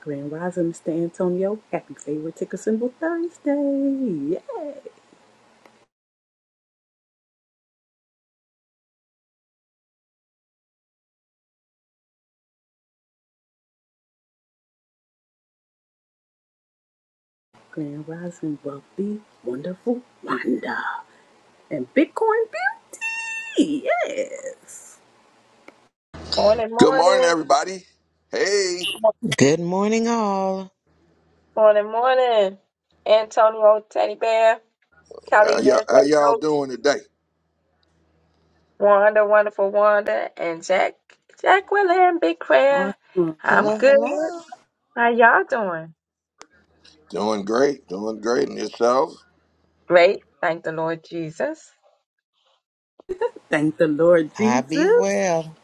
Grand Rising, Mr. Antonio. Happy Favorite Ticker Symbol Thursday. Yeah. Grand Rising, Wealthy, Wonderful Wanda. And Bitcoin Beauty. Yes. Morning, Good morning, morning, everybody. Hey, Mo- Good morning, all. morning, morning. Antonio, Teddy Bear, Kelly, how y'all, how Nasdaq y'all Notes, doing today? Wanda, Wonderful Wanda, and Jack, Jack William, Big Prayer. Awesome. I'm Hello, good. hello. How y'all doing? Doing great, doing great, and yourselves? Great. Thank the Lord Jesus. Thank the Lord I be Jesus. well.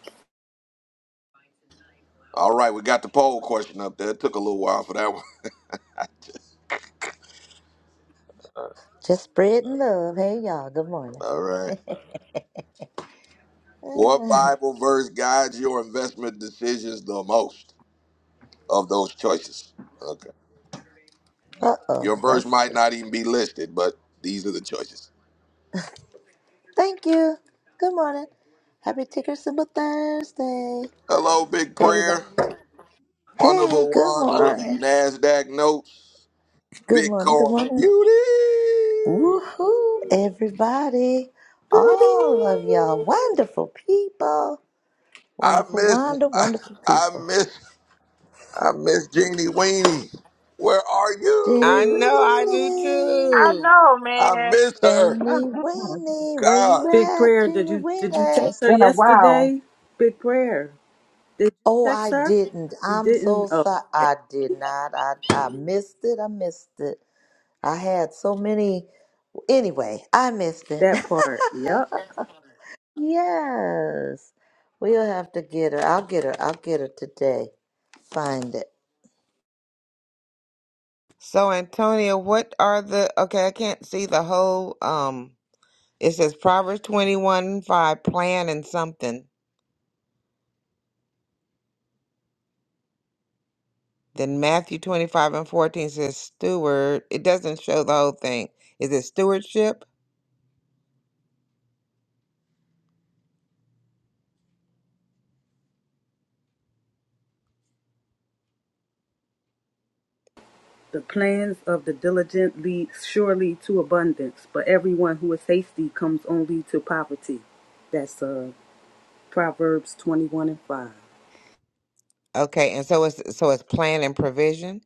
All right, we got the poll question up there. It took a little while for that one. Just spreading love. Hey, y'all. Good morning. All right. What Bible verse guides your investment decisions the most of those choices? Okay. Uh oh. Your verse Let's might see. not even be listed, but these are the choices. Thank you. Good morning. Happy Ticker Symbol Thursday, Hello, Big everybody. Prayer, Hey, Wonderful good Wanda, morning. NASDAQ Notes, Good morning. Good Bitcoin morning. Beauty. Woohoo, everybody. Beauty. All of y'all. Wonderful people. I Wonderful, miss wonder, wonderful I people. miss I miss Jeannie Weenie. Where are Jenny I know I you? do Winnie. I too. know, I man. miss her. Jenny Mm-mm-mm. Winnie. Where you God. Big at, prayer. Did Jenny you did you text Winnie? It's her been a while. yesterday? Big prayer. Did you Oh, text I her? didn't. You I'm so didn't? Oh, sorry. okay. I did not. I, I missed it. I missed it. I had so many. Anyway, I missed it. That part. Yep. yes. We'll have to get her. I'll get her. I'll get her today. Find it. So Antonia, what are the okay, I can't see the whole um it says Proverbs twenty one and five, plan and something. Then Matthew twenty five and fourteen says steward. It doesn't show the whole thing. Is it stewardship? The plans of the diligent lead surely to abundance, but everyone who is hasty comes only to poverty. That's uh, Proverbs 21 and 5. Okay, and so it's so it's plan and provision?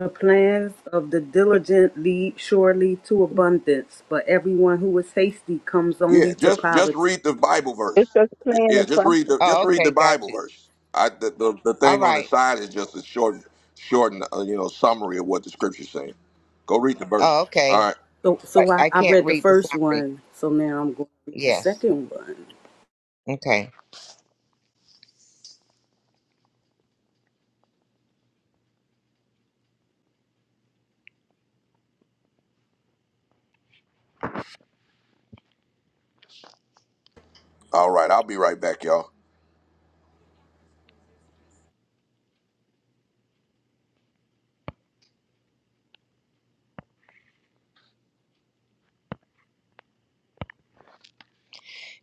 The plans of the diligent lead surely to abundance, but everyone who is hasty comes Yeah, only to just just poverty. read the Bible verse. It's just Y- playing Yeah, the just read process. the just Oh, read the okay, got Bible you. verse. I the, the, the All thing on the right. side is just a short shortened uh, you know summary of what the scripture's saying. Go read the Oh, verse. All okay. right. So, I, so I, I I can't read the read the first summary. one, so now I'm going to read the Yes. second one. Okay. All right, I'll be right back, y'all.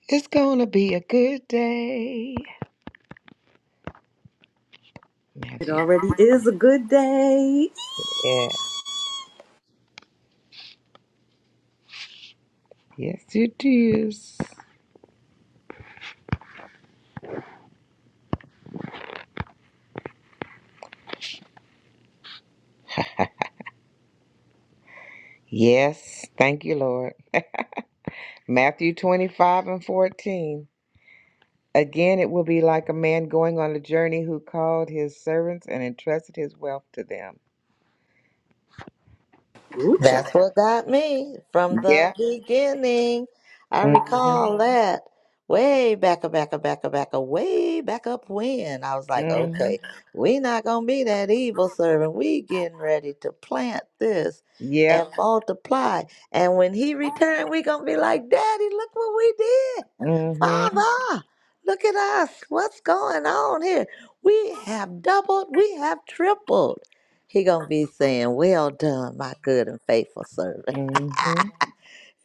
It's going to be a good day. It Matthew. already is a good day. Yeah. Yes, it is. Yes. Thank you, Lord. Matthew 25 and 14. Again, it will be like a man going on a journey who called his servants and entrusted his wealth to them. Ooh, child. That's what got me from the Yep. beginning. I Mm-hmm. recall that way back, a back, a back, a back, a way back up when I was like, Mm-hmm. okay, we not gonna be that evil servant. We getting ready to plant this and Yep. multiply. And when he returned, we gonna be like, Daddy, look what we did. Mm-hmm. Father, look at us. What's going on here? We have doubled. We have tripled. He gonna be saying, "Well done, my good and faithful servant." Mm-hmm.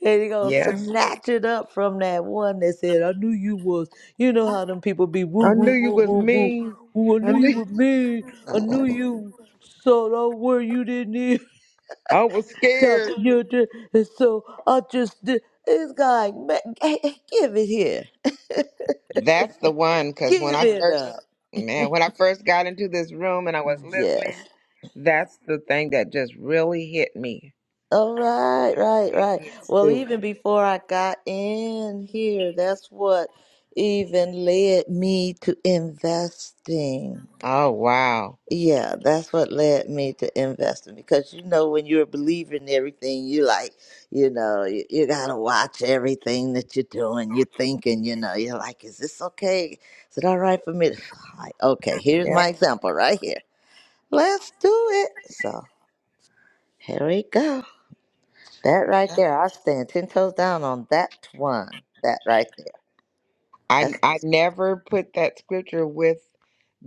And he gonna Yes. snatch it up from that one that said, "I knew you was." You know how them people be woo I knew woo you woo was woo woo. mean. Ooh, I I knew you knew were mean. I knew you so don't worry, you didn't even I was talk. scared. to You did, and so I just did. This guy, man, give it here, That's the one, because when give I it up. first, man, when I first got into this room and I was listening, Yes. that's the thing that just really hit me. All right, You gotta right, right, be right. a good Well, steward. even before I got in here, that's what even led me to investing. Oh wow, Yeah, that's what led me to investing because you know, when you're a believer in everything, you like, you know, you, you gotta watch everything that you're doing, you're thinking, you know, you're like, is this okay? Is it all right for me? To, like, okay, here's yeah. my example right here. Let's do it. So, here we go. That right there, I stand ten toes down on that one. That right there. I That's I never put that scripture with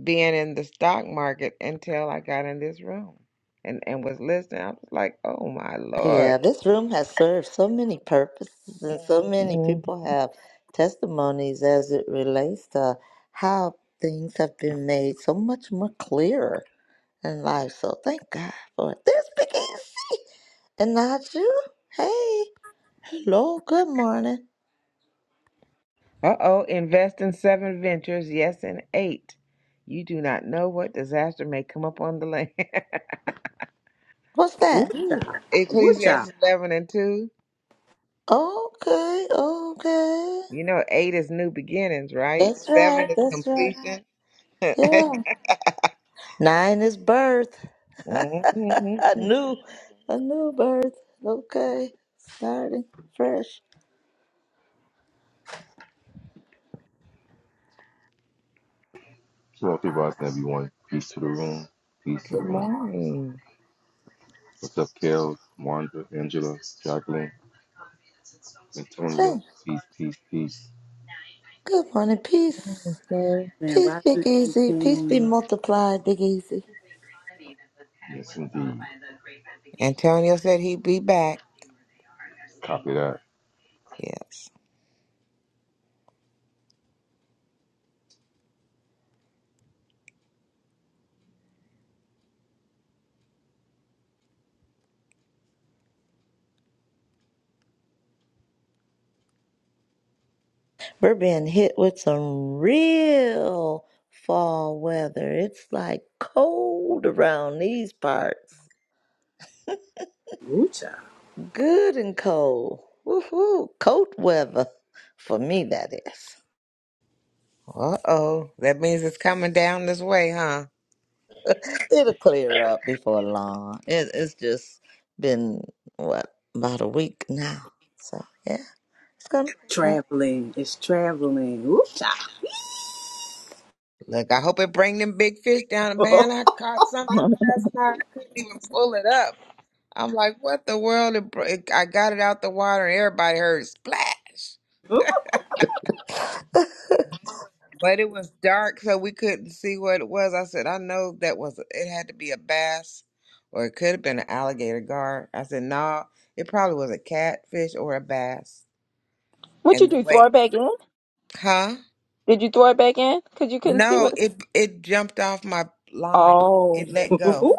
being in the stock market until I got in this room, and and was listening. I was like, oh my lord. yeah. This room has served so many purposes, and so many people have testimonies as it relates to how things have been made so much more clearer in life. So thank God for it. There's Big Easy and not you. Hey, hello, good morning. Uh oh, invest in seven ventures, yes, in eight. You do not know what disaster may come upon the land. What's Ooh, that? child. Ooh, child. Ecclesiastes 11 and 2. Okay, okay. You know, 8 is new beginnings, right? That's right. 7 is That's right. completion. Yeah. Nine is birth. Mhm. a new, a new birth. Okay, starting fresh. Shalom, people. I everyone. Peace to the room. Peace to the Good room. morning. What's up, Kale? Wanda, Angela, Jacqueline, Hey, Antonio? Peace, peace, peace. good morning. Peace, sir. Man, peace, Rising Big Eddie Easy. Peace be King. multiplied, Big Easy. Yes, indeed. Antonio said he'd be back. Copy that. Yes. We're being hit with some real fall weather. It's like cold around these parts. Ooh, child. Good and cold. Woohoo! Cold weather for me. That is. Uh-oh. That means it's coming down this way, huh? It'll clear up before long. It, it's just been what about a week now. So yeah, it's gonna clear up. Traveling. It's traveling. Ooh, cha. Look, I hope it bring them big fish down. Man, I caught something last night. I couldn't even pull it up. I'm like, what the world? It br- it- I got it out the water and everybody heard splash. Ooh, But it was dark, so we couldn't see what it was. I said, I know that was it had to be a bass, or it could have been an alligator guard. I said, no, it probably was a catfish or a bass. what you And the do? Throw way, it back in? huh? Did you throw it back in? Cause you couldn't see No, what? it it jumped off my line. It Oh, let ooh, go ooh.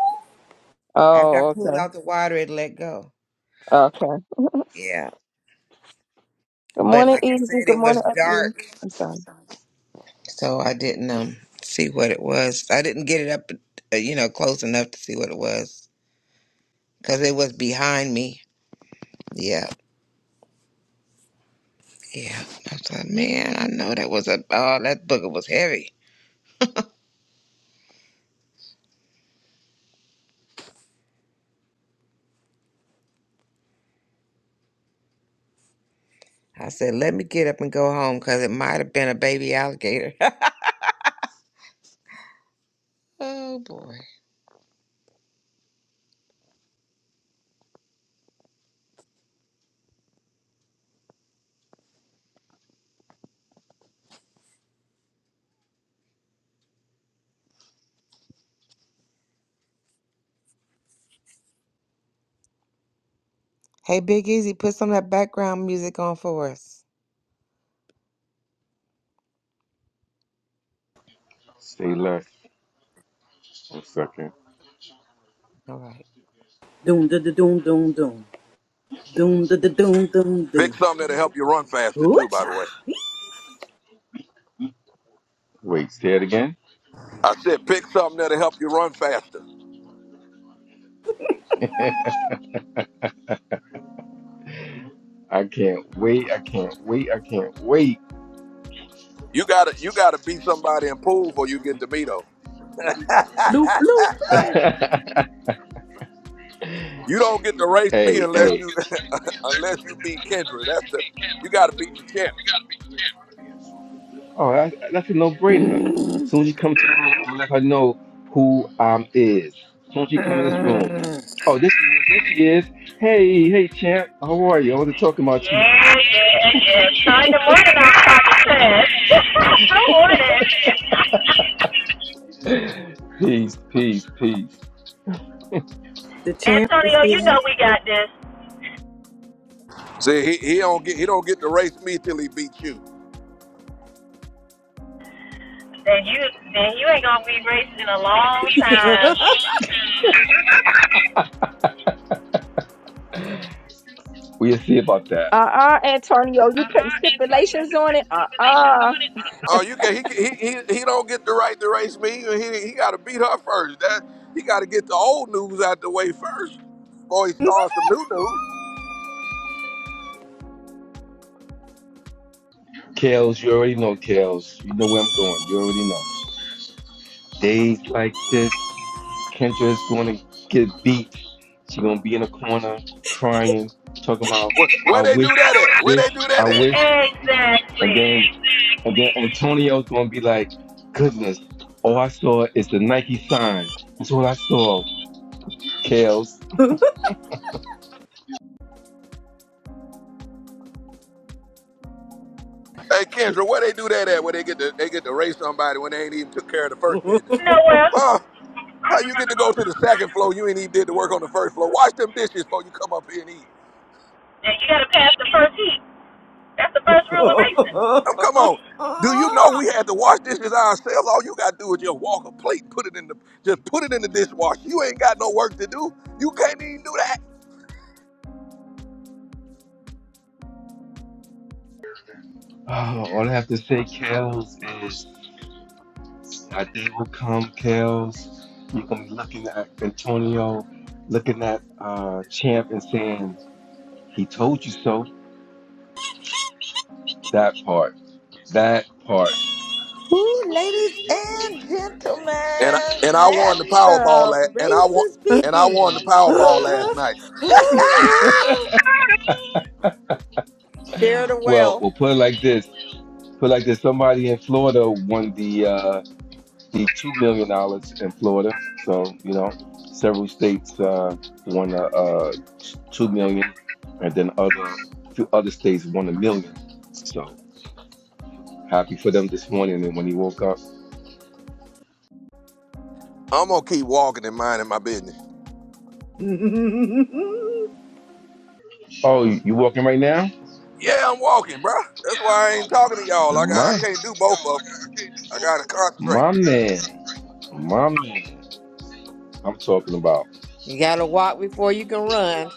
after I oh, pulled okay, out the water. It let go. okay. Yeah, Good but morning, like I Easy. said, Good it morning, was Audrey. dark, I'm sorry. so I didn't um see what it was. I didn't get it up, uh, you know, close enough to see what it was because it was behind me. Yeah. Yeah. I said, man, I know that was a, oh, that booger was heavy. I said, let me get up and go home because it might have been a baby alligator. oh, boy. Hey, Big Easy, put some of that background music on for us. Stay left. One second. All right. Doom, da, da, doom, doom, doom. Doom, da, da, doom, doom, Pick doom. something that'll help you run faster Ooh, too, by the way. cha. Wait, say it again. I said pick something that'll help you run faster. I can't wait. I can't wait. I can't wait. You gotta you gotta be somebody in pool before you get to me though. Bloop, bloop, You don't get to race me hey, unless hey, you unless you beat Kendra. That's the you got to beat the champ. Oh, that, that's a no-brainer. bloop. As soon as you come to the room, I'm gonna let her know who um is. As soon as you come in this room. Oh, this is this she is. Hey, hey, champ. How are you? I wasn't talking about you. Yeah, yeah, yeah. Starting the morning, I'm talking trash. Good morning, Peace, peace, peace. The champ is Antonio. You here. know we got this. See, he, he don't get he don't get to race me till he beats you. Then you, then you ain't gonna be racing in a long time. We'll see about that. Uh-uh, Antonio, you putting stipulations on it? Uh-uh. Oh, you can he can- he he, he don't get the right to race me. He he got to beat her first. That he got to get the old news out the way first before he starts some new news. Kels, you already know Kels. You know where I'm going. You already know. Days like this, Kendra is going to get beat. She's going to be in a corner crying, talking about, Where, I where they wish, do that at? I Where wish, they do that I at? wish. And Exactly. then And then Antonio's gonna be like, goodness, all I saw is the Nike sign. That's all I saw, Kels. Hey Kendra, where they do that at? Where they get to they get to race somebody when they ain't even took care of the first business? No, well, How you get to go to the second floor? You ain't even did the work on the first floor. Wash them dishes before you come up here and eat. then you gotta pass the first heat. That's the first rule of racing. Um, come on. Do you know we had to wash dishes ourselves? All you gotta do is just walk a plate and put it in the just put it in the dishwasher. You ain't got no work to do. You can't even do that. Oh, all I have to say, Kels, is a day will come, Kels. You're gonna be looking at Antonio, looking at uh, Champ and saying, he told you so. That part. That part. Ooh, ladies and And I, and gentlemen, I let won the Powerball the last, and I won races and I won the begin. Powerball last night. Share the Well, wealth. we'll put it like this. Put it like this. Somebody in Florida won the uh, the two million dollars in Florida. So you know, several states uh, won a, uh, two million, dollars, and then other few other states won a million. So happy for them this morning. And when he woke up, I'm gonna keep walking and minding my business. oh, you, you walking right now? Yeah, I'm walking, bro. That's why I ain't talking to y'all. Like I I My can't do both of them. I gotta concentrate. my man, my man. I'm talking about You gotta walk before you can run.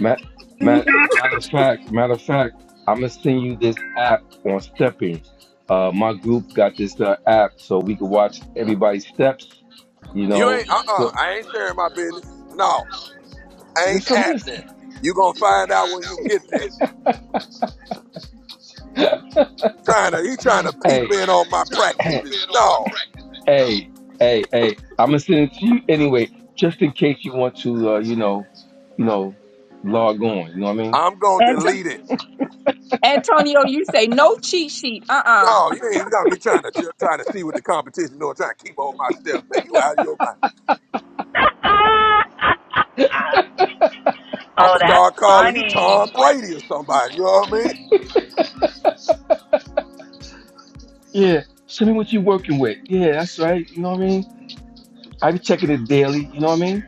Matt. Matt matter of fact, matter of fact, I'm gonna send you this app on stepping. Uh, my group got this uh, app so we can watch everybody's steps You You know, ain't uh uh so I ain't sharing my business. No. there's Ain't some just happening. You gonna find out when you get there. Trying to, he trying to peep hey, in on my hey, practices. No, hey, hey, hey. I'm gonna send it to you anyway, just in case you want to, uh, you know, you know, log on. You know what I mean? I'm gonna Anto- delete it. Antonio, you say no cheat sheet. Uh-uh. No, you ain't gonna be trying to trying to see what the competition doing. Trying to keep on my stuff. Man, you out of your mind. I'm oh, gonna that's start calling you Tom funny. Brady or somebody. You know what I mean? Yeah. Send me what you're working with. Yeah, that's right. You know what I mean? I be checking it daily. You know what I mean?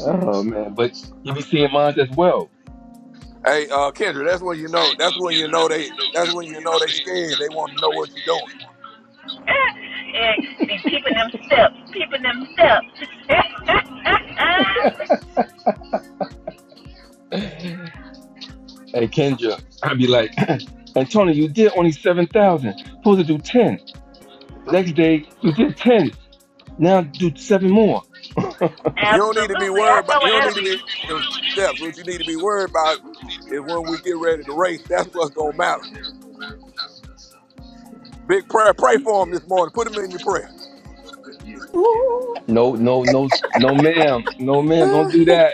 Oh man, but you be seeing mine as well. Hey, uh, Kendra, that's when you know. That's when you know they. That's when you know they scared. They want to know what you're doing. And be peeping them steps, peeping them steps. Hey Kendra, I be like, Antonio, you did only seven thousand. Supposed to do ten. Next day, you did ten. Now do seven more. You don't need to be Absolutely. I worried about. know You what don't need that'll to be be. them steps. What you need to be worried about is when we get ready to race. That's what's gonna matter. Big prayer. Pray for him this morning. Put him in your prayer. No, no, no, no, ma'am. No, ma'am. Don't do that.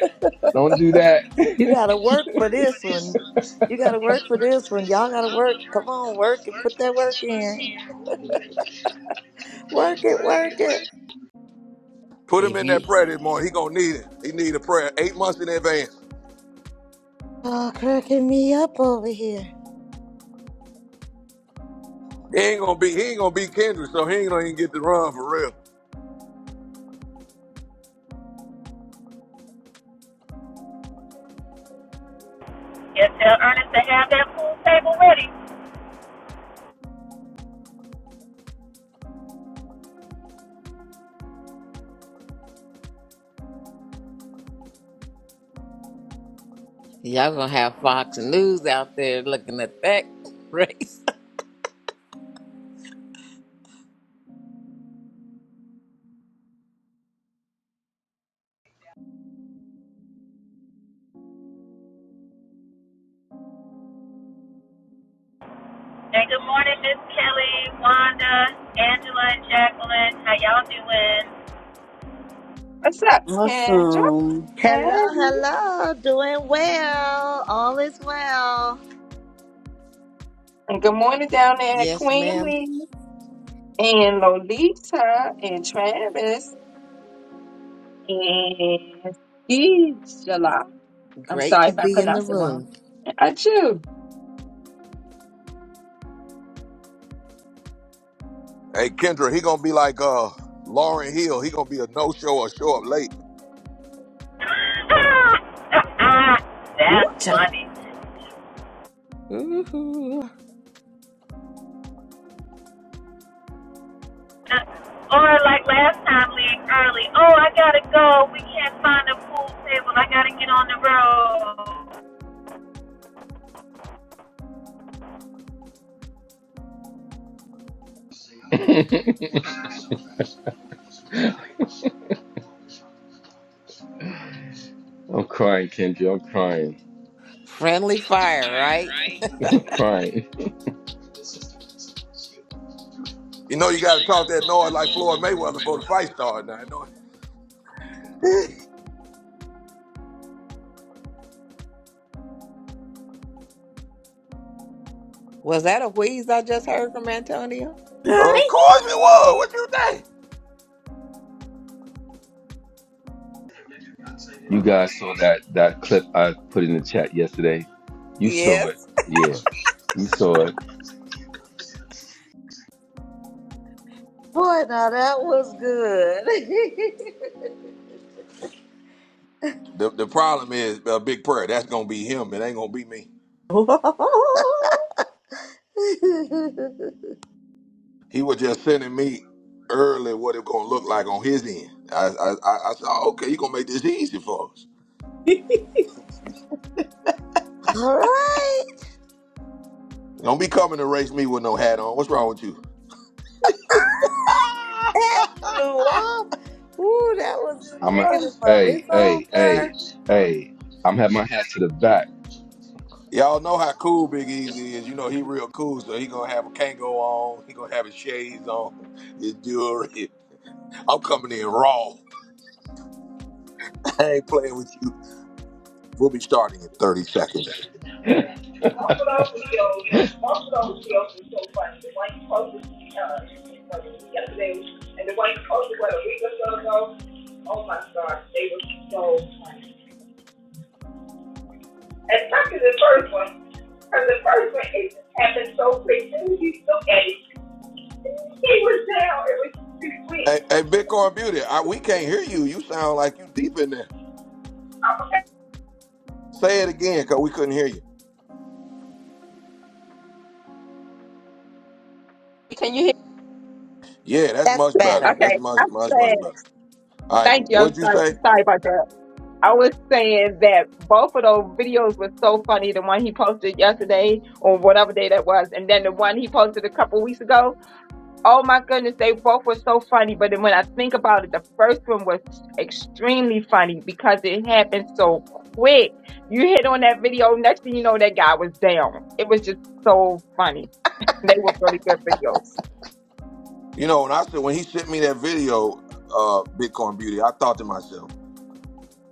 Don't do that. you gotta work for this one. You gotta work for this one. Y'all gotta work. Come on, work it. Put that work in. Work it, work it. Put him If in that you prayer this morning. He gonna need it. He need a prayer eight months in advance. Oh, cracking me up over here. He ain't gonna be. He ain't gonna be Kendra, so he ain't gonna even get to run for real. And tell Ernest to have that pool table ready. y'all gonna have Fox News out there looking at that race. And good morning, Miss Kelly, Wanda, Angela, and Jacqueline. How y'all doing? What's up, Kendra? awesome. Hey. Hello, hello. Doing well. All is well. And good morning down there at Yes, ma'am. Queenie and Lolita and Travis and Angela. I'm Great sorry to if I be in the pronounced it wrong. room. And Hey Kendra, he gonna be like uh Lauren Hill. He gonna be a no show or show up late. Ooh, That's cha. funny. Ooh, Or like last time, leave early. Oh, I gotta go. We can't find a pool table. I gotta get on the road. I'm crying, Kendra. I'm crying. friendly fire, right? I'm crying. You know you gotta talk that noise like Floyd Mayweather before the fight started. Now, you know? Was that a wheeze I just heard from Antonio? of Hi. course it was. What you think? You guys saw that that clip I put in the chat yesterday. You saw it. Yes. Yeah, you saw it. Boy, now that was good. The the problem is a big prayer. That's gonna be him. It ain't gonna be me. Oh, He was just sending me early what it gonna look like on his end. I I, I, I said, "Oh, okay, you gonna make this easy for us. All right. Don't be coming to race me with no hat on. What's wrong with you? That flew off. Ooh, that was I'm a indicative of hey, it's hey, hey, over. hey. I'm having my hat to the back. Y'all know how cool Big Easy is. You know he real cool, so he gonna have a Kango on. He gonna have his shades on, his jewelry. I'm coming in raw. I ain't playing with you. We'll be starting in 30 seconds. Both of those videos, Buffalo of those videos are so funny. The one you posted, uh, well, yesterday, and the one you posted, what, a week or so ago? Oh my gosh, they were so funny. Especially the first one, because the first one, it happened so quick. As Soon as you look at it, he was down. It was too quick. Hey, hey Bitcoin Beauty, I, we can't hear you. You sound like you deep in there. Okay, Say it again, cause we couldn't hear you. Can you hear? Yeah, that's That's much better. better. That's Okay, much, that's much, much it. better. All right, Thank you. I'm what'd you sorry. say? Sorry about that. I was saying that both of those videos were so funny. The one he posted yesterday or whatever day that was, and then the one he posted a couple weeks ago. Oh my goodness, they both were so funny. But then when I think about it, the first one was extremely funny because it happened so quick. You hit on that video, next thing you know, that guy was down. It was just so funny. They were really good videos. You know, when I said when he sent me that video, uh, Bitcoin Beauty, I thought to myself,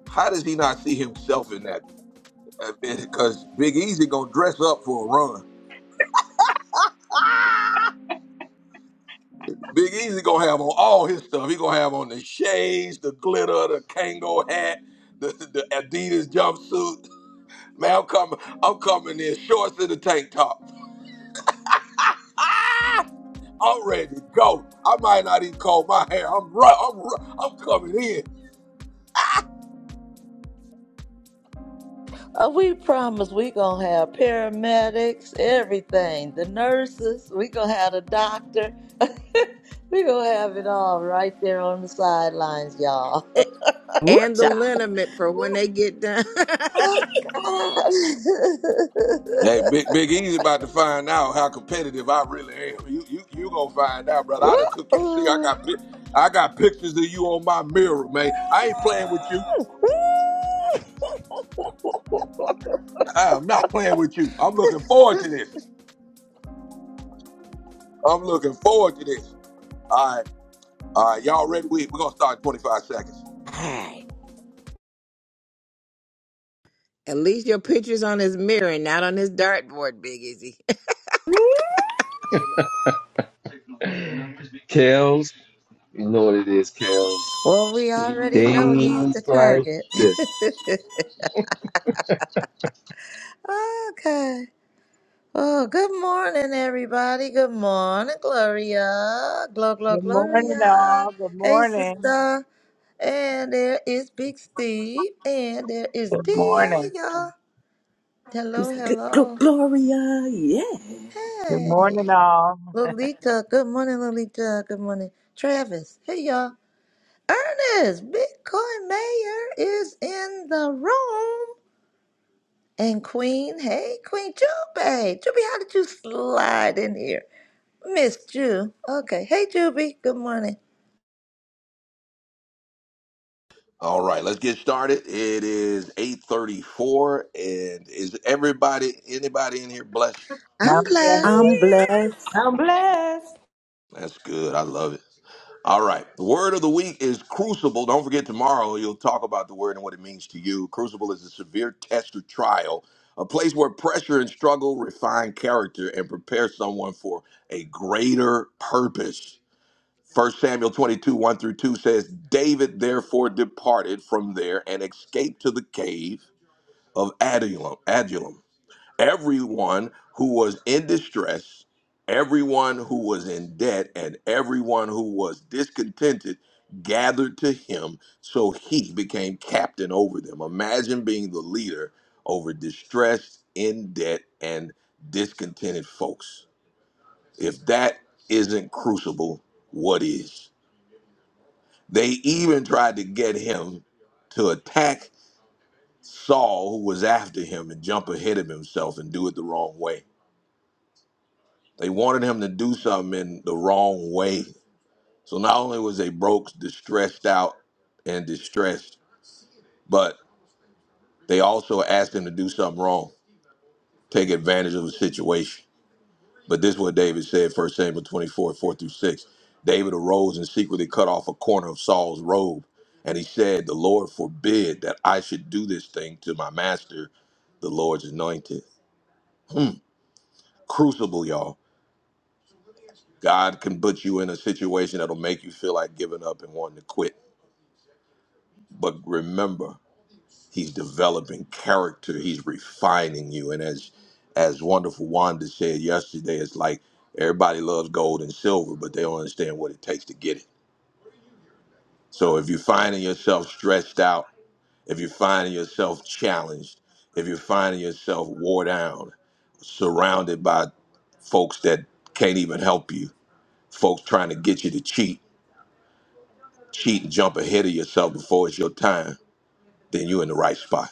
how does he not see himself in that? Because Big Easy gonna dress up for a run. Big Easy gonna have on all his stuff. He gonna have on the shades, the glitter, the Kango hat, the, the Adidas jumpsuit. Man, I'm coming. I'm coming in shorts and a tank top. I'm ready to go. I might not even comb my hair. I'm ru- I'm ru- I'm coming in. Uh, we promise we gonna have paramedics, everything, the nurses, we gonna have the doctor. we gonna have it all right there on the sidelines, y'all. A- Ooh, And the cha. liniment for when they get done. Oh Hey, God. Big Big Easy about to find out how competitive I really am. You you you gonna find out, brother. I done took you see. I Woo! got pic- I got pictures of you on my mirror, man. I ain't playing with you. I'm not playing with you. I'm looking forward to this. I'm looking forward to this. All right, all right, y'all ready? We we gonna start in 25 seconds. Alright. At least your picture's on his mirror, and not on his dartboard, Big Izzy. Kels, you know what it is, Kels. Well, we already know he's the Things like target. this. okay. Oh, good morning, everybody. Good morning, Gloria. Glow, glow, Good morning, Gloria. all. Good Hey, morning. sister. And there is Big Steve. And there is Good D. Hey, morning. y'all. Miss Hello, Gl- Gl- hello. Gloria. Yeah. Good morning, Hey. all. Lolita. Good morning, Lolita. Good morning. Travis. Hey, y'all. Ernest, Bitcoin Mayor is in the room. And Queen, hey, Queen Jube. Jube, how did you slide in here? Miss Ju. Okay. Hey, Jube. Good morning. All right, let's get started. It is 8:34 and is everybody anybody in here blessed? Now, I'm blessed. I'm blessed. yes. I'm blessed. That's good. I love it. All right. The word of the week is crucible. Don't forget tomorrow you'll talk about the word and what it means to you. Crucible is a severe test or trial, a place where pressure and struggle refine character and prepare someone for a greater purpose. First Samuel 22, 1 through 2 says, David therefore departed from there and escaped to the cave of Adullam. Adullam everyone who was in distress, everyone who was in debt, and everyone who was discontented gathered to him, so he became captain over them. Imagine being the leader over distressed, in debt, and discontented folks. If that isn't crucible, what is? They even tried to get him to attack Saul, who was after him, and jump ahead of himself and do it the wrong way. They wanted him to do something in the wrong way. So not only was they broke, distressed out, and distressed, but they also asked him to do something wrong, take advantage of the situation. But this is what David said, First Samuel 24, 4 through 6. David arose and secretly cut off a corner of Saul's robe. And he said, The Lord forbid that I should do this thing to my master, the Lord's anointed. Crucible, y'all. God can put you in a situation that'll make you feel like giving up and wanting to quit but remember he's developing character he's refining you and as as wonderful wanda said yesterday it's like everybody loves gold and silver but they don't understand what it takes to get it so if you're finding yourself stressed out if you're finding yourself challenged if you're finding yourself wore down surrounded by folks that can't even help you folks trying to get you to cheat cheat and jump ahead of yourself before it's your time then you're in the right spot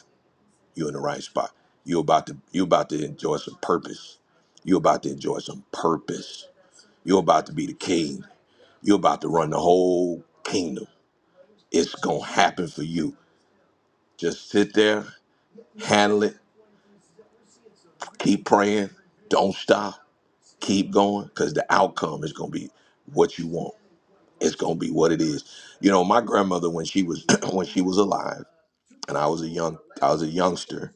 You're in the right spot. You're about to you're about to enjoy some purpose. You're about to enjoy some purpose. You're about to be the king. You're about to run the whole kingdom. It's gonna happen for you. Just sit there, handle it, keep praying, don't stop, keep going, because the outcome is gonna be what you want. It's gonna be what it is. You know, my grandmother when she was when she was alive and I was a young I was a youngster,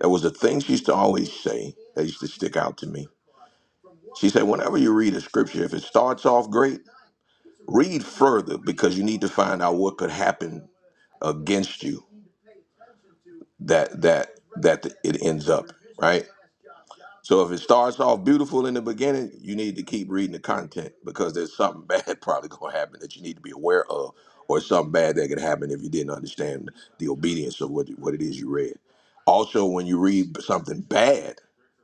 there was a thing she used to always say that used to stick out to me She said, whenever you read a scripture, if it starts off great, read further because you need to find out what could happen against you that that that it ends up right. So if it starts off beautiful in the beginning, you need to keep reading the content because there's something bad probably going to happen that you need to be aware of, or something bad that could happen if you didn't understand the obedience of what what it is you read. Also, when you read something bad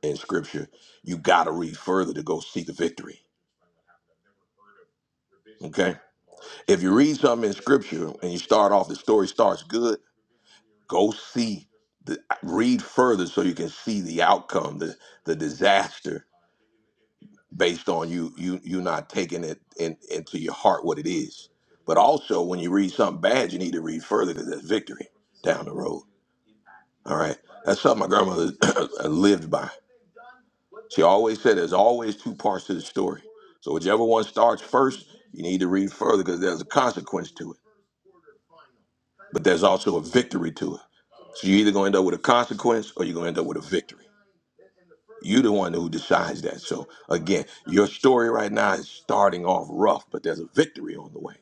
in scripture, you got to read further to go see the victory. Okay If you read something in scripture and you start off, the story starts good, go see, the, read further so you can see the outcome, the, the disaster based on you, you, you not taking it in, into your heart what it is. But also, when you read something bad, you need to read further to there's victory down the road. All right. That's something my grandmother lived by. She always said there's always two parts to the story. So, whichever one starts first, you need to read further because there's a consequence to it. but there's also a victory to it. So you're either going to end up with a consequence or you're going to end up with a victory. You're the one who decides that. So again, your story right now is starting off rough, but there's a victory on the way.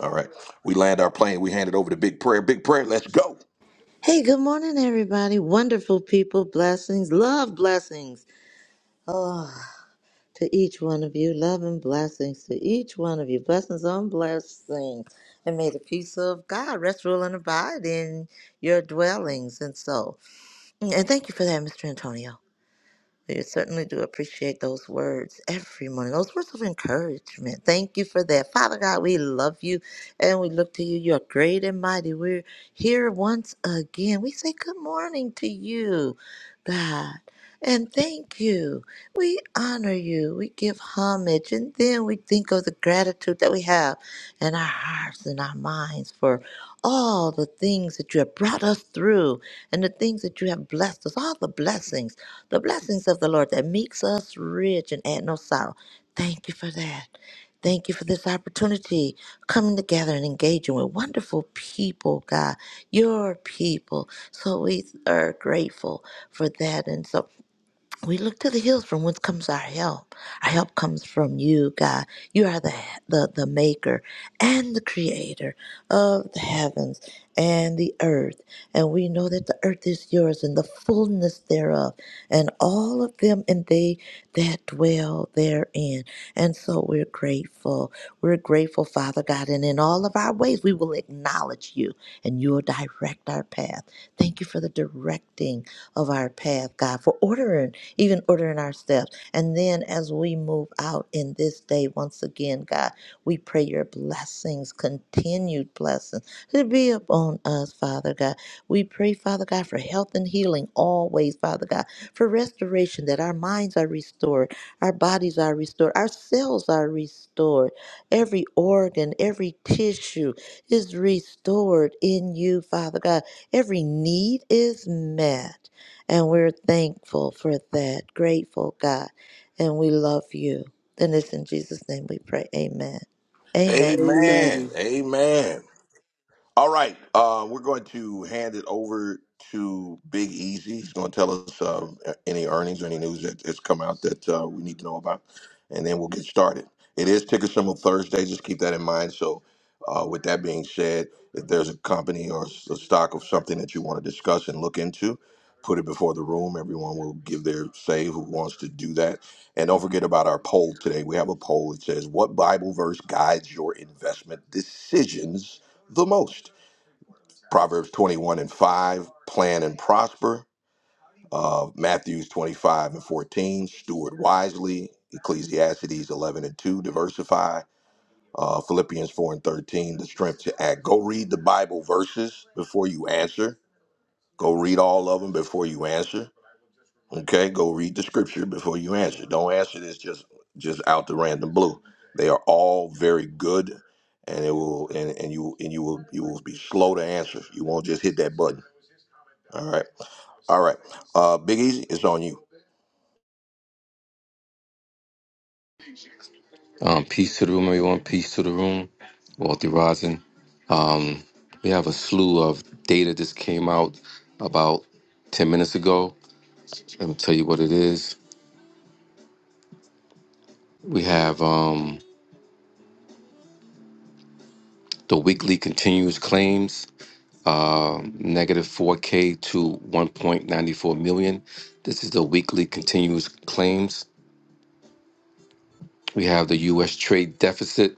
All right. We land our plane. We hand it over to Big Prayer. Big Prayer, let's go. Hey, good morning, everybody. Wonderful people. Blessings. Love blessings. Oh, to each one of you. Love and blessings to each one of you. Blessings on blessings. And may the peace of God rest, rule, and abide in your dwellings and so. Mm, And thank you for that, Mr. Antonio. We certainly do appreciate those words every morning, those words of encouragement. Thank you for that. Father God, we love you and we look to you. You're great and mighty. We're here once again. We say good morning to you, God, and thank you. We honor you. We give homage. And then we think of the gratitude that we have in our hearts and our minds for all the things that you have brought us through and the things that you have blessed us, all the blessings the blessings of the Lord that makes us rich and add no sorrow. Thank you for that. Thank you for this opportunity coming together and engaging with wonderful people, God, your people. So we are grateful for that. And so we look to the hills from whence comes our help. Our help comes from you, God. You are the the, the maker and the creator of the heavens and the earth. And we know that the earth is yours and the fullness thereof, and all of them and they that dwell therein. And so we're grateful. We're grateful, Father God. And in all of our ways, we will acknowledge you and you will direct our path. Thank you for the directing of our path, God, for ordering even ordering our steps. And then as we move out in this day, once again, God, we pray your blessings, continued blessings, to be upon us, Father God. We pray, Father God, for health and healing always, Father God, for restoration, that our minds are restored, our bodies are restored, our cells are restored, every organ, every tissue is restored in you, Father God. Every need is met. And we're thankful for that. Grateful, God. And we love you. And it's in Jesus' name we pray. Amen. Amen. Amen. Amen. Amen. All right, uh, we're going to hand it over to Big Easy. He's going to tell us uh, any earnings or any news that has come out that uh, we need to know about, and then we'll get started. It is ticker symbol Thursday. Just keep that in mind. So, uh, with that being said, if there's a company or s- a stock of something that you want to discuss and look into, put it before the room. Everyone will give their say who wants to do that. And don't forget about our poll today. We have a poll that says, "What Bible verse guides your investment decisions?" the most. Proverbs 21 and 5, plan and prosper. Uh, Matthews 25 and 14, steward wisely. Ecclesiastes 11 and 2, diversify. Uh, Philippians 4 and 13, the strength to act. Go read the Bible verses before you answer. Go read all of them before you answer. Okay, go read the scripture before you answer. Don't answer this just just out the random blue. They are all very good, and it will and, and you and you will you will be slow to answer. You won't just hit that button. All right. All right. Uh, Big Easy, it's on you. Um, peace to the room, everyone. Peace to the room. Wealthy Rising. Um, we have a slew of data that came out about 10 minutes ago. Let me tell you what it is. We have um, the weekly continuous claims, uh, negative 4K to 1.94 million. This is the weekly continuous claims. We have the U.S. trade deficit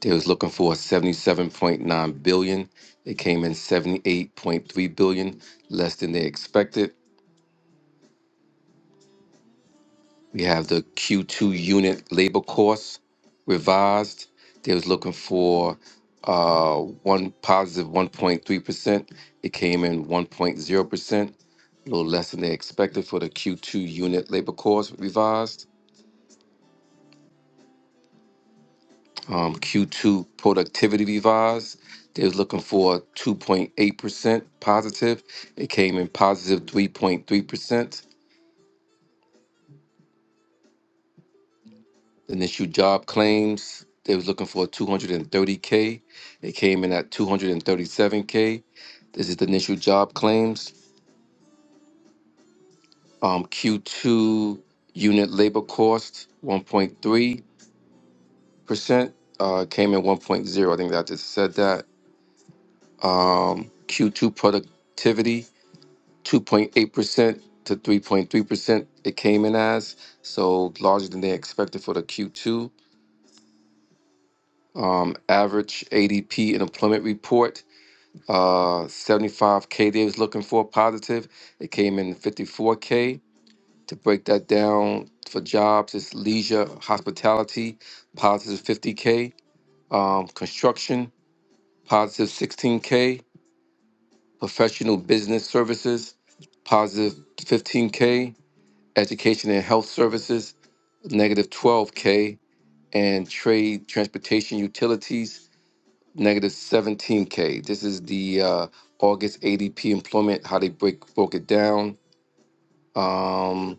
They was looking for 77.9 billion. They came in 78.3 billion, less than they expected. We have the Q2 labor costs revised. They was looking for uh, one positive 1.3 percent. It came in 0 percent, a little less than they expected. Labor costs revised. Um, Q2 productivity revised. They was looking for 2.8 percent positive. It came in positive 3.3 percent Then issue job claims. They was looking for 230K. It came to 7K. This is um, Q2 unit labor cost 1.3%. Uh, came in 1.0. I think that I just said that. Um, Q2 productivity 2.8% to 3.3%. It came in as so larger than they expected for the Q2. Um, average ADP and employment report Uh, 75K they was looking for positive. It came in 54K. To break that down for jobs, it's leisure, hospitality, positive 50K um, construction, positive 16K, professional business services, positive 15K, education and health services, negative 12K, and trade, transportation, utilities, negative 17k. This is the uh, August ADP employment, how they break broke it down. Um,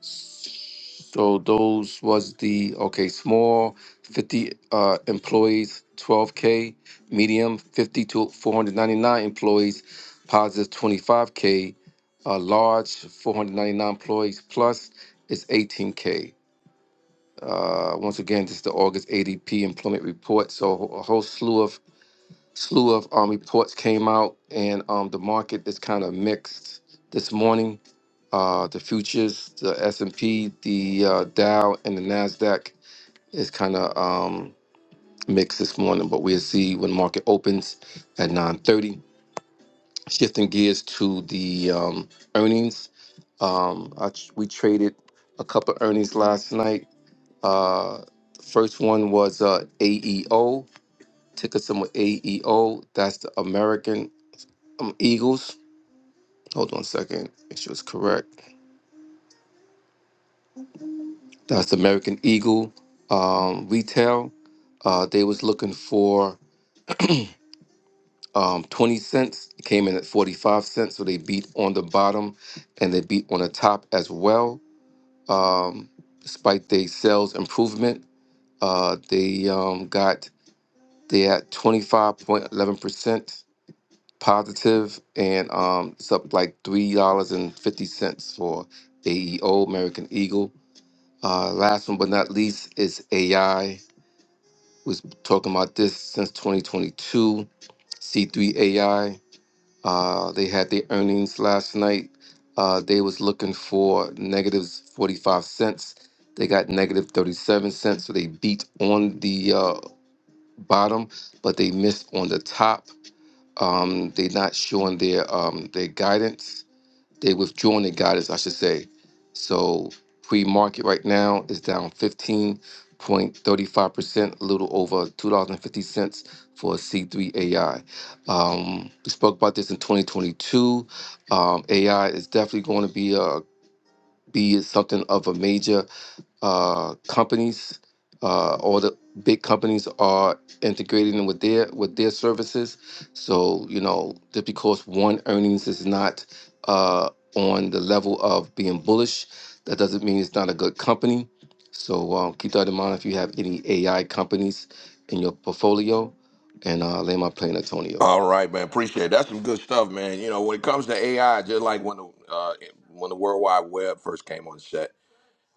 so those was the okay small 50 uh, employees 12k, medium 50 to 499 employees, positive 25k, uh, large 499 employees plus is 18k. Uh, once again, this is the August ADP employment report. So a whole slew of slew of um, reports came out, and um, the market is kind of mixed this morning. Uh, the futures, the S and P, the uh, Dow, and the Nasdaq is kind of um, mixed this morning. But we'll see when the market opens at nine thirty. Shifting gears to the um, earnings, um, I, tr- we traded a couple earnings last night. Uh, first one was uh, AEO. Ticker symbol AEO. That's the American um, Eagles. Hold on a second. Make sure it's correct. That's American Eagle um, retail. Uh, they was looking for um, 20 cents. It came in at 45 cents, so they beat on the bottom and they beat on the top as well. Um, despite their sales improvement, uh, they um, got they at 25.11 percent positive and um, it's up like three dollars and fifty cents for AEO American Eagle. Uh, last one but not least is AI. Was talking about this since 2022. C3 AI. Uh, they had their earnings last night. Uh, they was looking for negatives 45 cents. They got negative 37 cents, so they beat on the uh, bottom, but they missed on the top. Um, they're not showing their um, their guidance. They withdrawn their guidance, I should say. So pre-market right now is down 15.35%, a little over $2.50 for a C3 AI. Um, we spoke about this in 2022. Um, AI is definitely going to be a be something of a major uh, companies, uh, all the big companies are integrating them with their with their services. So you know, just because one earnings is not uh, on the level of being bullish, that doesn't mean it's not a good company. So um, keep that in mind if you have any AI companies in your portfolio. And uh, lay my plane, Antonio. All right, man. Appreciate it. That's some good stuff, man. You know, when it comes to AI, just like when the uh, when the World Wide Web first came on set,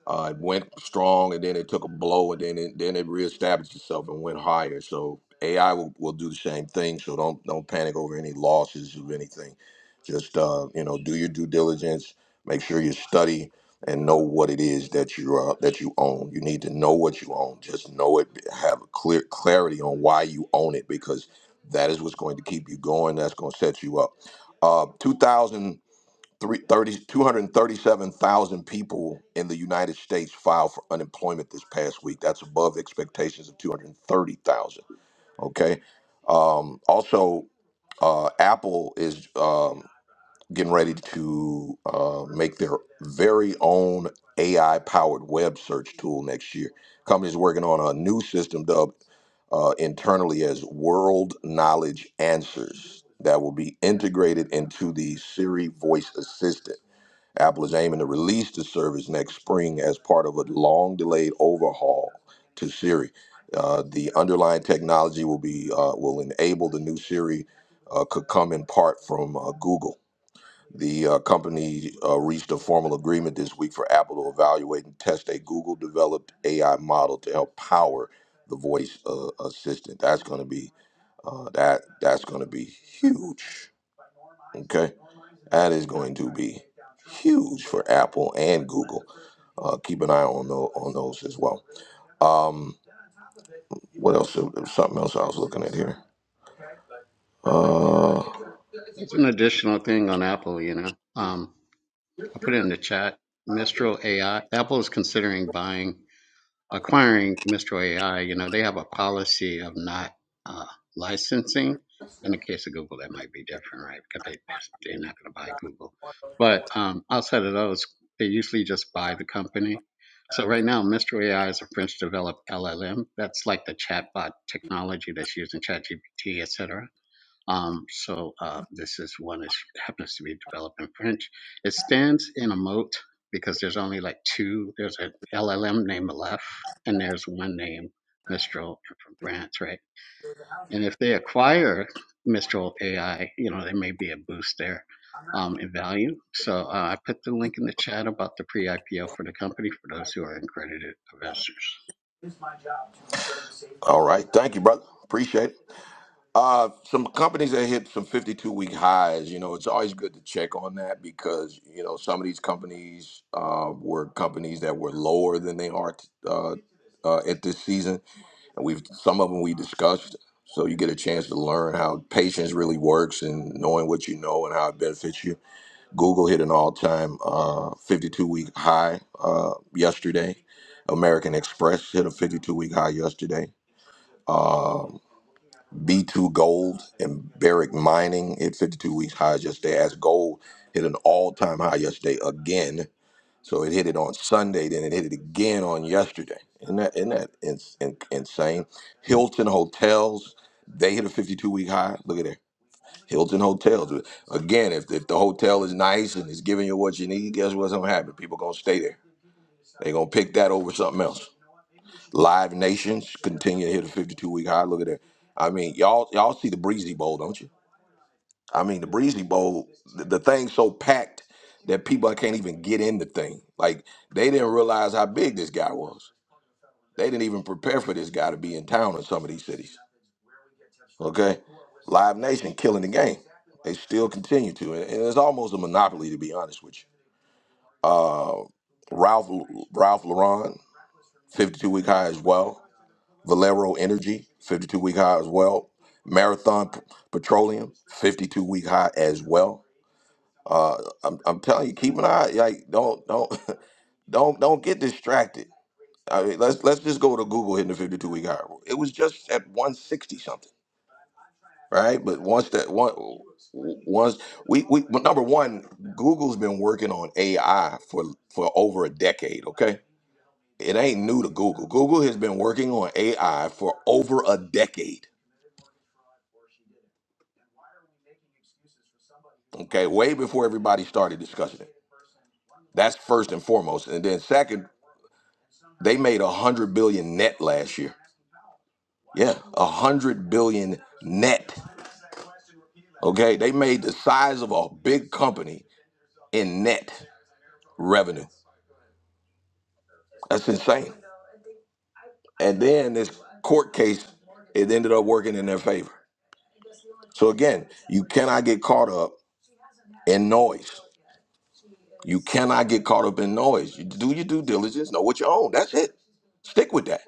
Uh, it went strong, and then it took a blow, and then it then it reestablished itself and went higher. So AI will, will do the same thing. So don't don't panic over any losses of anything. Just uh, you know, do your due diligence. Make sure you study and know what it is that you uh, that you own. You need to know what you own. Just know it. Have a clear clarity on why you own it because that is what's going to keep you going. That's going to set you up. Uh, 2000. Three- 237,000 people in the United States filed for unemployment this past week. That's above expectations of 230,000. Okay. Um, also, uh, Apple is um, getting ready to uh, make their very own AI powered web search tool next year. Company's working on a new system dubbed uh, internally as World Knowledge Answers that will be integrated into the Siri voice assistant. Apple is aiming to release the service next spring as part of a long delayed overhaul to Siri. Uh, the underlying technology will be uh, will enable the new Siri uh, could come in part from uh, Google. The uh, company uh, reached a formal agreement this week for Apple to evaluate and test a Google developed AI model to help power the voice uh, assistant. That's going to be uh, that that's going to be huge. Okay. That is going to be huge for Apple and Google. Uh, keep an eye on those, on those as well. Um, what else? There was something else I was looking at here. Uh, It's an additional thing on Apple, you know. Um, I put it in the chat. Mistral AI. Apple is considering buying, acquiring Mistral AI. You know, they have a policy of not uh, licensing. In the case of Google, that might be different, right? Because they they're not going to buy Google. But um, outside of those, they usually just buy the company. So right now, Mistral AI is a French-developed LLM. That's like the chatbot technology that's used in ChatGPT, et cetera um, so uh, this is one that happens to be developed in French. It stands in a moat because there's only like two. There's an LLM named Aleph, and there's one named Mistral from France, right? And if they acquire Mistral AI, you know, there may be a boost there um, in value. So uh, I put the link in the chat about the pre-IPO for the company for those who are accredited investors. all right. Thank you, brother. Appreciate it. Uh, some companies that hit some 52 week highs, you know, it's always good to check on that because, you know, some of these companies uh, were companies that were lower than they are t- uh, uh, at this season and we've some of them we discussed so you get a chance to learn how patience really works and knowing what you know and how it benefits you google hit an all-time uh, 52-week high uh, yesterday american express hit a 52-week high yesterday b2 gold and barrick mining hit 52 week highs yesterday as gold hit an all-time high yesterday again so it hit it on Sunday, then it hit it again on yesterday. Isn't that, isn't that ins in, insane? Hilton Hotels, they hit a 52 week high. Look at that. Hilton Hotels. Again, if, if the hotel is nice and it's giving you what you need, guess what's going to happen? People going to stay there. they going to pick that over something else. Live Nations continue to hit a 52 week high. Look at that. I mean, y'all y'all see the Breezy Bowl, don't you? I mean, the Breezy Bowl, the, the thing's so packed that people can't even get in the thing. Like they didn't realize how big this guy was. They didn't even prepare for this guy to be in town in some of these cities. Okay, Live Nation killing the game. They still continue to, and and it's almost a monopoly to be honest with you. Uh, Ralph Ralph Lauren, 52 week high as well. Valero Energy, 52 week high as well. Marathon P- Petroleum, 52 week high as well. Uh, I'm, I'm telling you, keep an eye. Like, don't, don't, don't, don't get distracted. I mean, let's let's just go to Google hitting the 52 week high. It was just at 160 something, right? But once that one, once we we but number one, Google's been working on AI for for over a decade. Okay, it ain't new to Google. Google has been working on AI for over a decade. Okay, way before everybody started discussing it. That's first and foremost, and then second, they made a hundred billion net last year. Yeah, a hundred billion net. Okay, they made the size of a big company in net revenue. That's insane. And then this court case, it ended up working in their favor. So again, you cannot get caught up in noise. You cannot get caught up in noise. You do your due diligence, know what you own. That's it. Stick with that.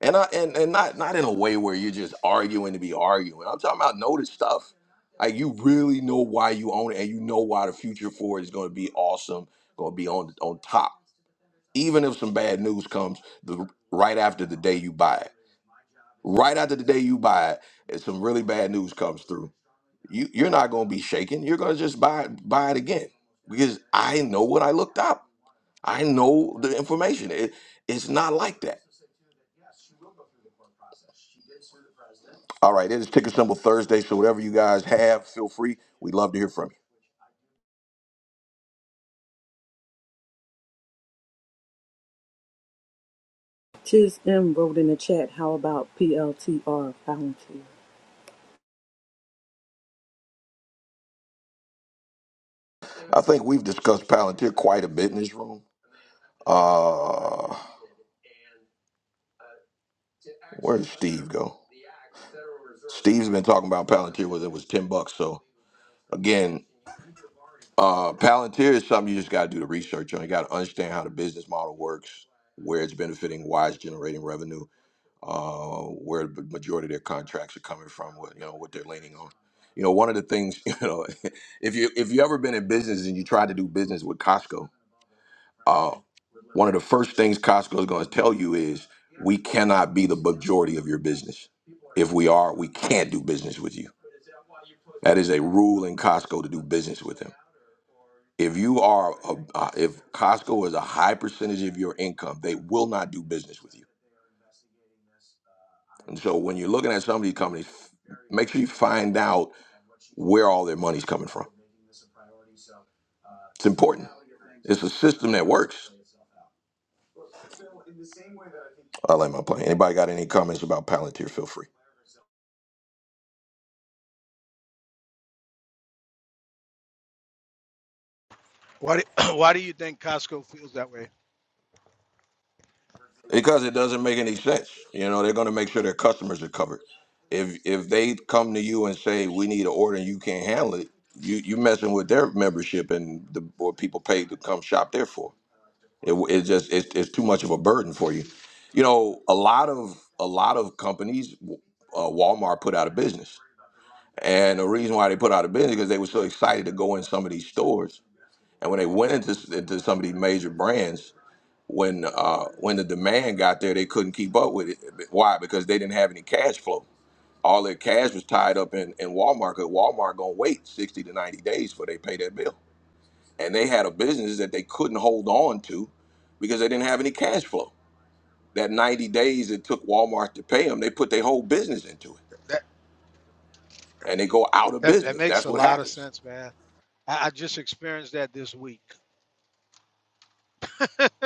and I and, and not not in a way where you're just arguing to be arguing. I'm talking about notice stuff. Like you really know why you own it, and you know why the future for it is going to be awesome, going to be on on top. Even if some bad news comes the right after the day you buy it, right after the day you buy it, if some really bad news comes through, you you're not going to be shaken. You're going to just buy it, buy it again because I know what I looked up. I know the information. It, it's not like that All right, it is Ticker Symbol Thursday, so whatever you guys have, feel free. We'd love to hear from you. Tiz M wrote in the chat, how about PLTR Volunteer? I think we've discussed Palantir quite a bit in this room. Uh, where did Steve go? Steve's been talking about Palantir whether it was 10 bucks. So again, uh, Palantir is something you just got to do the research on. You got to understand how the business model works, where it's benefiting, why it's generating revenue. uh, where the majority of their contracts are coming from, what you know, what they're leaning on. You know, one of the things, you know, if you if you ever been in business and you try to do business with Costco, uh, one of the first things Costco is going to tell you is we cannot be the majority of your business. If we are, we can't do business with you. That is a rule in Costco to do business with them. If you are, a, uh, if Costco is a high percentage of your income, they will not do business with you And so when you're looking at some of these companies, make sure you find out where all their money's coming from. It's important. It's a system that works. I like my plan. Anybody got any comments about Palantir? Feel free. Why do, why do you think Costco feels that way? Because it doesn't make any sense. You know, they're going to make sure their customers are covered. If if they come to you and say we need an order and you can't handle it, you you messing with their membership and the what people pay to come shop there for. It it just it's it's too much of a burden for you. You know, a lot of a lot of companies, uh, Walmart put out of business, and the reason why they put out of business because they were so excited to go in some of these stores, and when they went into into some of these major brands, when uh, when the demand got there, they couldn't keep up with it. Why? Because they didn't have any cash flow. All their cash was tied up in, in Walmart. Cause Walmart gonna wait sixty to ninety days before they pay their bill and they had a business that they couldn't hold on to because they didn't have any cash flow. That 90 days it took Walmart to pay them, they put their whole business into it That and they go out of that, that business. makes That's a what lot of happens. sense, man. I, I just experienced that this week.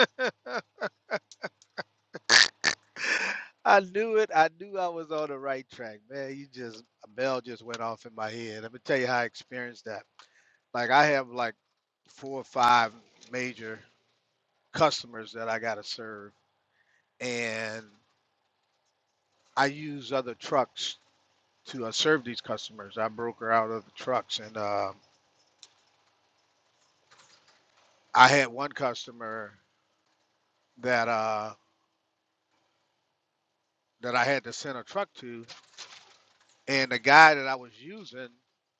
I knew it. I knew I was on the right track, man. You just a bell just went off in my head. Let me tell you how I experienced that. Like I have like four or five major customers that I gotta serve, and I use other trucks to uh, serve these customers. I broker out other trucks, and um I had one customer that uh that I had to send a truck to, and the guy that I was using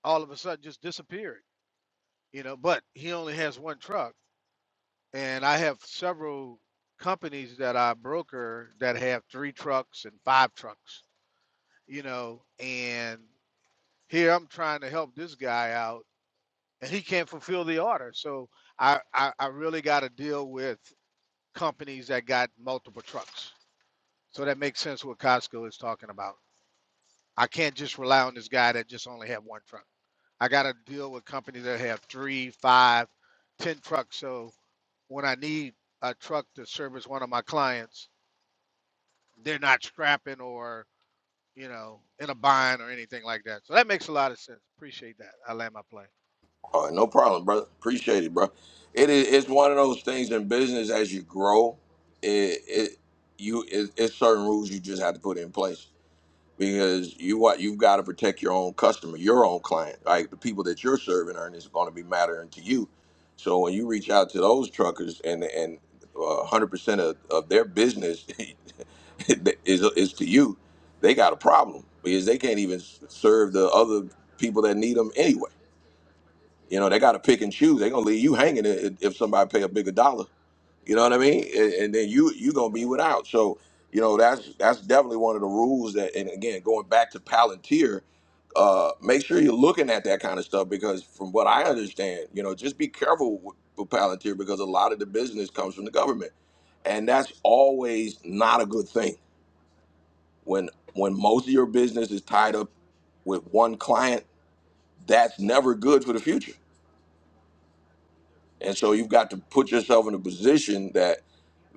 all of a sudden just disappeared. You know, but he only has one truck, and I have several companies that I broker that have three trucks and five trucks. You know, and here I'm trying to help this guy out, and he can't fulfill the order. So I I, I really got to deal with companies that got multiple trucks. So that makes sense what Costco is talking about. I can't just rely on this guy that just only have one truck. I got to deal with companies that have three, five, ten trucks. So when I need a truck to service one of my clients, they're not scrapping or you know in a bind or anything like that. So that makes a lot of sense. Appreciate that. I land my plane. All right, no problem, brother. Appreciate it, bro. It is it's one of those things in business as you grow, it, it you it, it's certain rules you just have to put in place. because you what you've got to protect your own customer, your own client. Like the people that you're serving Ernest, are is going to be mattering to you. So when you reach out to those truckers and and uh, one hundred percent of, of their business is is to you, they got a problem because they can't even serve the other people that need them anyway. You know they got to pick and choose. They're gonna leave you hanging if if somebody pay a bigger dollar you know what I mean? And, and then you you gonna be without. So you know that's that's definitely one of the rules that. And again, going back to Palantir, uh, make sure you're looking at that kind of stuff because from what I understand, you know, just be careful with, with Palantir because a lot of the business comes from the government, and that's always not a good thing. When when most of your business is tied up with one client, that's never good for the future. And so you've got to put yourself in a position that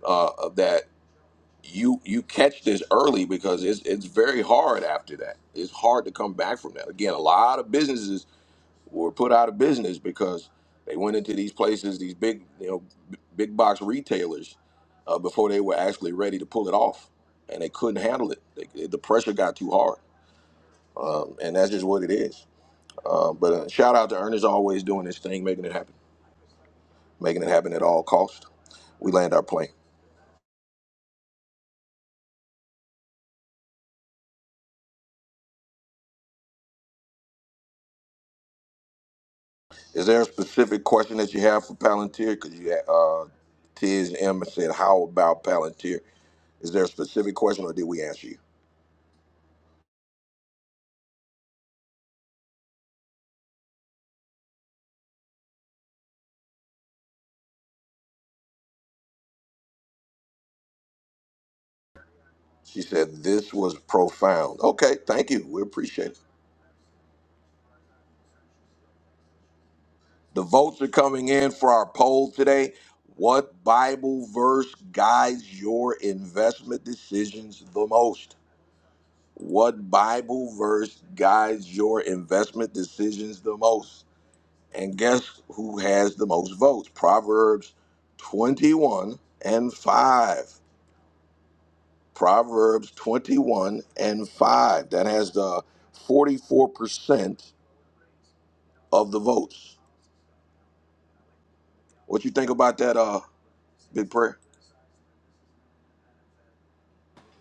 uh, that you you catch this early because it's it's very hard after that. It's hard to come back from that. Again, a lot of businesses were put out of business because they went into these places, these big you know b- big box retailers, uh, before they were actually ready to pull it off, and they couldn't handle it. They, the pressure got too hard, and that's just what it is. Um, but uh, shout out to Ernest always doing this thing, making it happen, making it happen at all cost. We land our plane. Is there a specific question that you have for Palantir? Because you had, uh, Tiz and Emma said, "How about Palantir?" Is there a specific question, or did we answer you? She said, "This was profound." Okay, thank you. We appreciate it. The votes are coming in for our poll today. What Bible verse guides your investment decisions the most? What Bible verse guides your investment decisions the most? And guess who has the most votes? Proverbs 21 and 5. Proverbs 21 and 5. That has the 44% of the votes. What you think about that, uh, Big Prayer?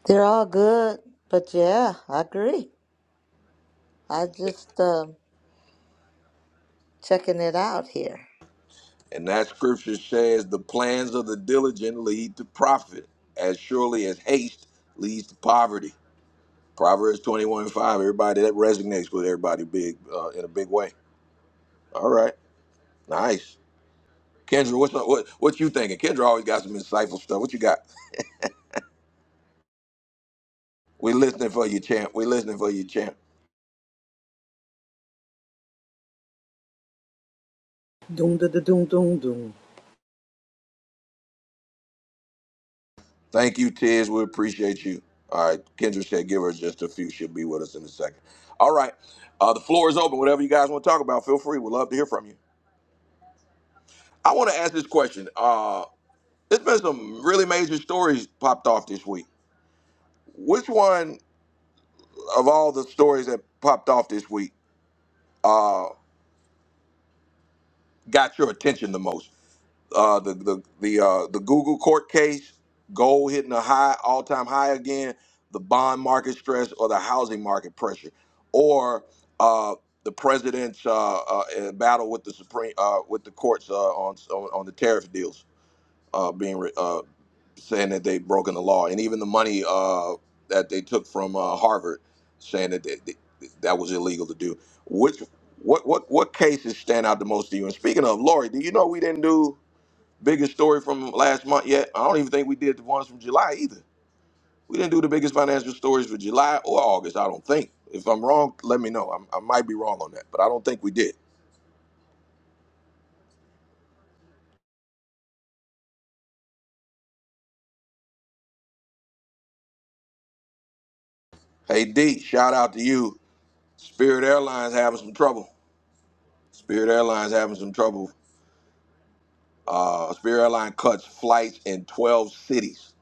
They're all good. But yeah, I agree. I just um checking it out here. And that scripture says, The plans of the diligent lead to profit, as surely as haste leads to poverty. Proverbs 21 and 5. Everybody, that resonates with everybody big uh, in a big way. All right. Nice. Kendra, what's up? What, what you thinking? Kendra always got some insightful stuff. What you got? We're listening for you, champ. We're listening for you, champ. Doom da da doom doom doom. Thank you, Tiz. We appreciate you. All right. Kendra said give her just a few. She'll be with us in a second. All right. Uh, the floor is open. Whatever you guys want to talk about, feel free. We'd love to hear from you. I want to ask this question. Uh, there's been some really major stories popped off this week. Which one of all the stories that popped off this week uh, got your attention the most? uh, the the the uh, the Google court case, gold hitting a high all time high again, the bond market stress or the housing market pressure, or uh, the president's uh, uh, uh, battle with the supreme uh, with the courts uh, on, on on the tariff deals uh, being re- uh, saying that they've broken the law, and even the money uh, that they took from uh, Harvard, saying that they, they, that was illegal to do. Which what what what cases stand out the most to you? And speaking of Lori, do you know we didn't do? biggest story from last month yet. I don't even think we did the ones from July either. We didn't do the biggest financial stories for July or August, I don't think. If I'm wrong, let me know. I'm, I might be wrong on that, but I don't think we did. Hey, D, shout out to you. Spirit Airlines having some trouble. Spirit Airlines having some trouble. Uh, Spirit Airlines cuts flights in 12 cities,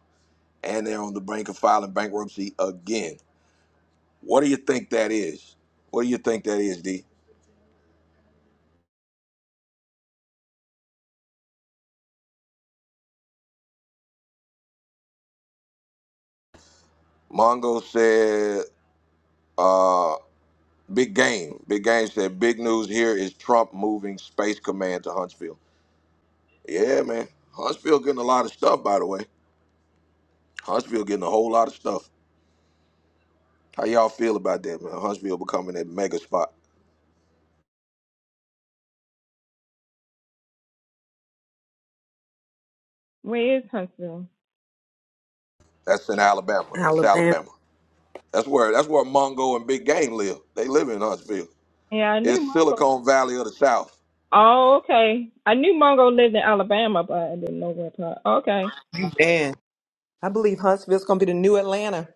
and they're on the brink of filing bankruptcy again. What do you think that is? What do you think that is, D? Mongo said. uh, Big Game. Big Game said, big news here is Trump moving Space Command to Huntsville. Yeah, man. Huntsville getting a lot of stuff, by the way. Huntsville getting a whole lot of stuff. How y'all feel about that, man? Huntsville becoming that mega spot. Wait. That's in Alabama. It's Alabama. Alabama. That's where that's where Mongo and Big Game live. They live in Huntsville. It's Silicon Valley of the South. Amen. I believe Huntsville's gonna be the new Atlanta.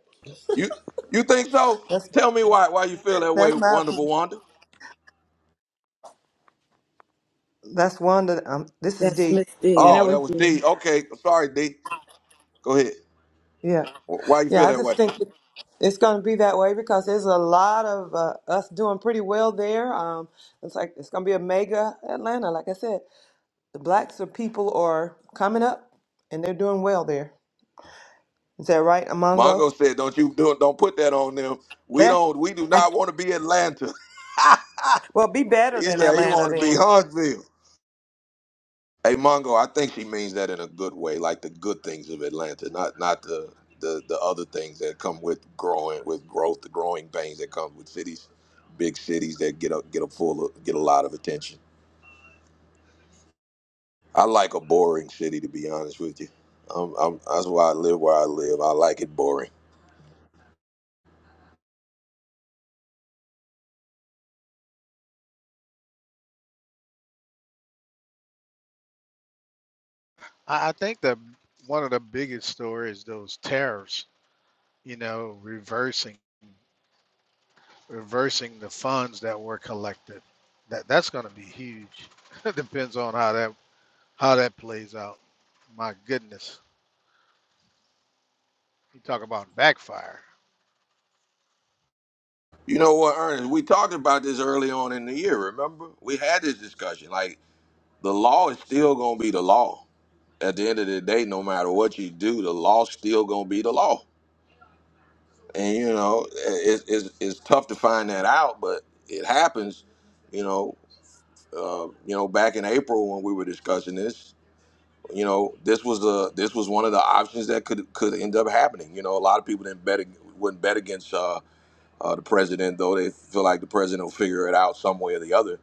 You you think so? That's Tell me why why you feel that way, that's my wonderful opinion. Wanda. that's one that um this is That's deep. Miss yeah, D. that Oh, was that was D. Okay, sorry, D. Go ahead. Yeah. Wh- Why you feel Yeah, I that way? just think it's going to be that way because there's a lot of uh, us doing pretty well there. Um, it's like it's going to be a mega Atlanta. Like I said, the blacks are people are coming up and they're doing well there. Is that right, Amongo? Mongo said, "Don't you do don't put that on them. We Yeah. don't. We do not want to be Atlanta." Well, be better he than said he Atlanta want to then. be Huntsville. Hey, Mongo, I think she means that in a good way, like the good things of Atlanta, not not the the, the other things that come with growing with growth, the growing pains that come with cities, big cities that get a get a full of, get a lot of attention. I like a boring city, to be honest with you. i I'm, that's why I live where I live. I like it boring. I, I think that one of the biggest stories those tariffs. You know, reversing reversing the funds that were collected. That that's going to be huge. depends on how that How that plays out. My goodness. You talk about backfire. You know what, Ernest? We talked about this early on in the year. Remember, we had this discussion. Like the law is still going to be the law. At the end of the day, no matter what you do, the law's still going to be the law. And you know, it, it's it's tough to find that out, but it happens. You know, uh, you know, back in April when we were discussing this, you know, this was the this was one of the options that could could end up happening. You know, a lot of people didn't bet ag- wouldn't bet against uh, uh, the president, though they feel like the president will figure it out some way or the other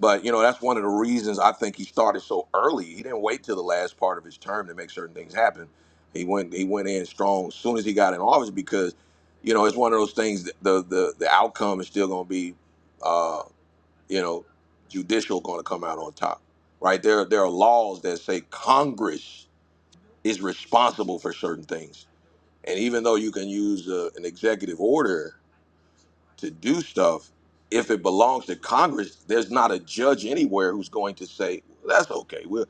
But you know, that's one of the reasons I think he started so early. He didn't wait till the last part of his term to make certain things happen. He went he went in strong as soon as he got in office because, you know, it's one of those things that the the the outcome is still going to be, uh, you know, judicial going to come out on top, right? There there are laws that say Congress is responsible for certain things, and even though you can use uh an executive order to do stuff, if it belongs to Congress, there's not a judge anywhere who's going to say "Well, that's okay. We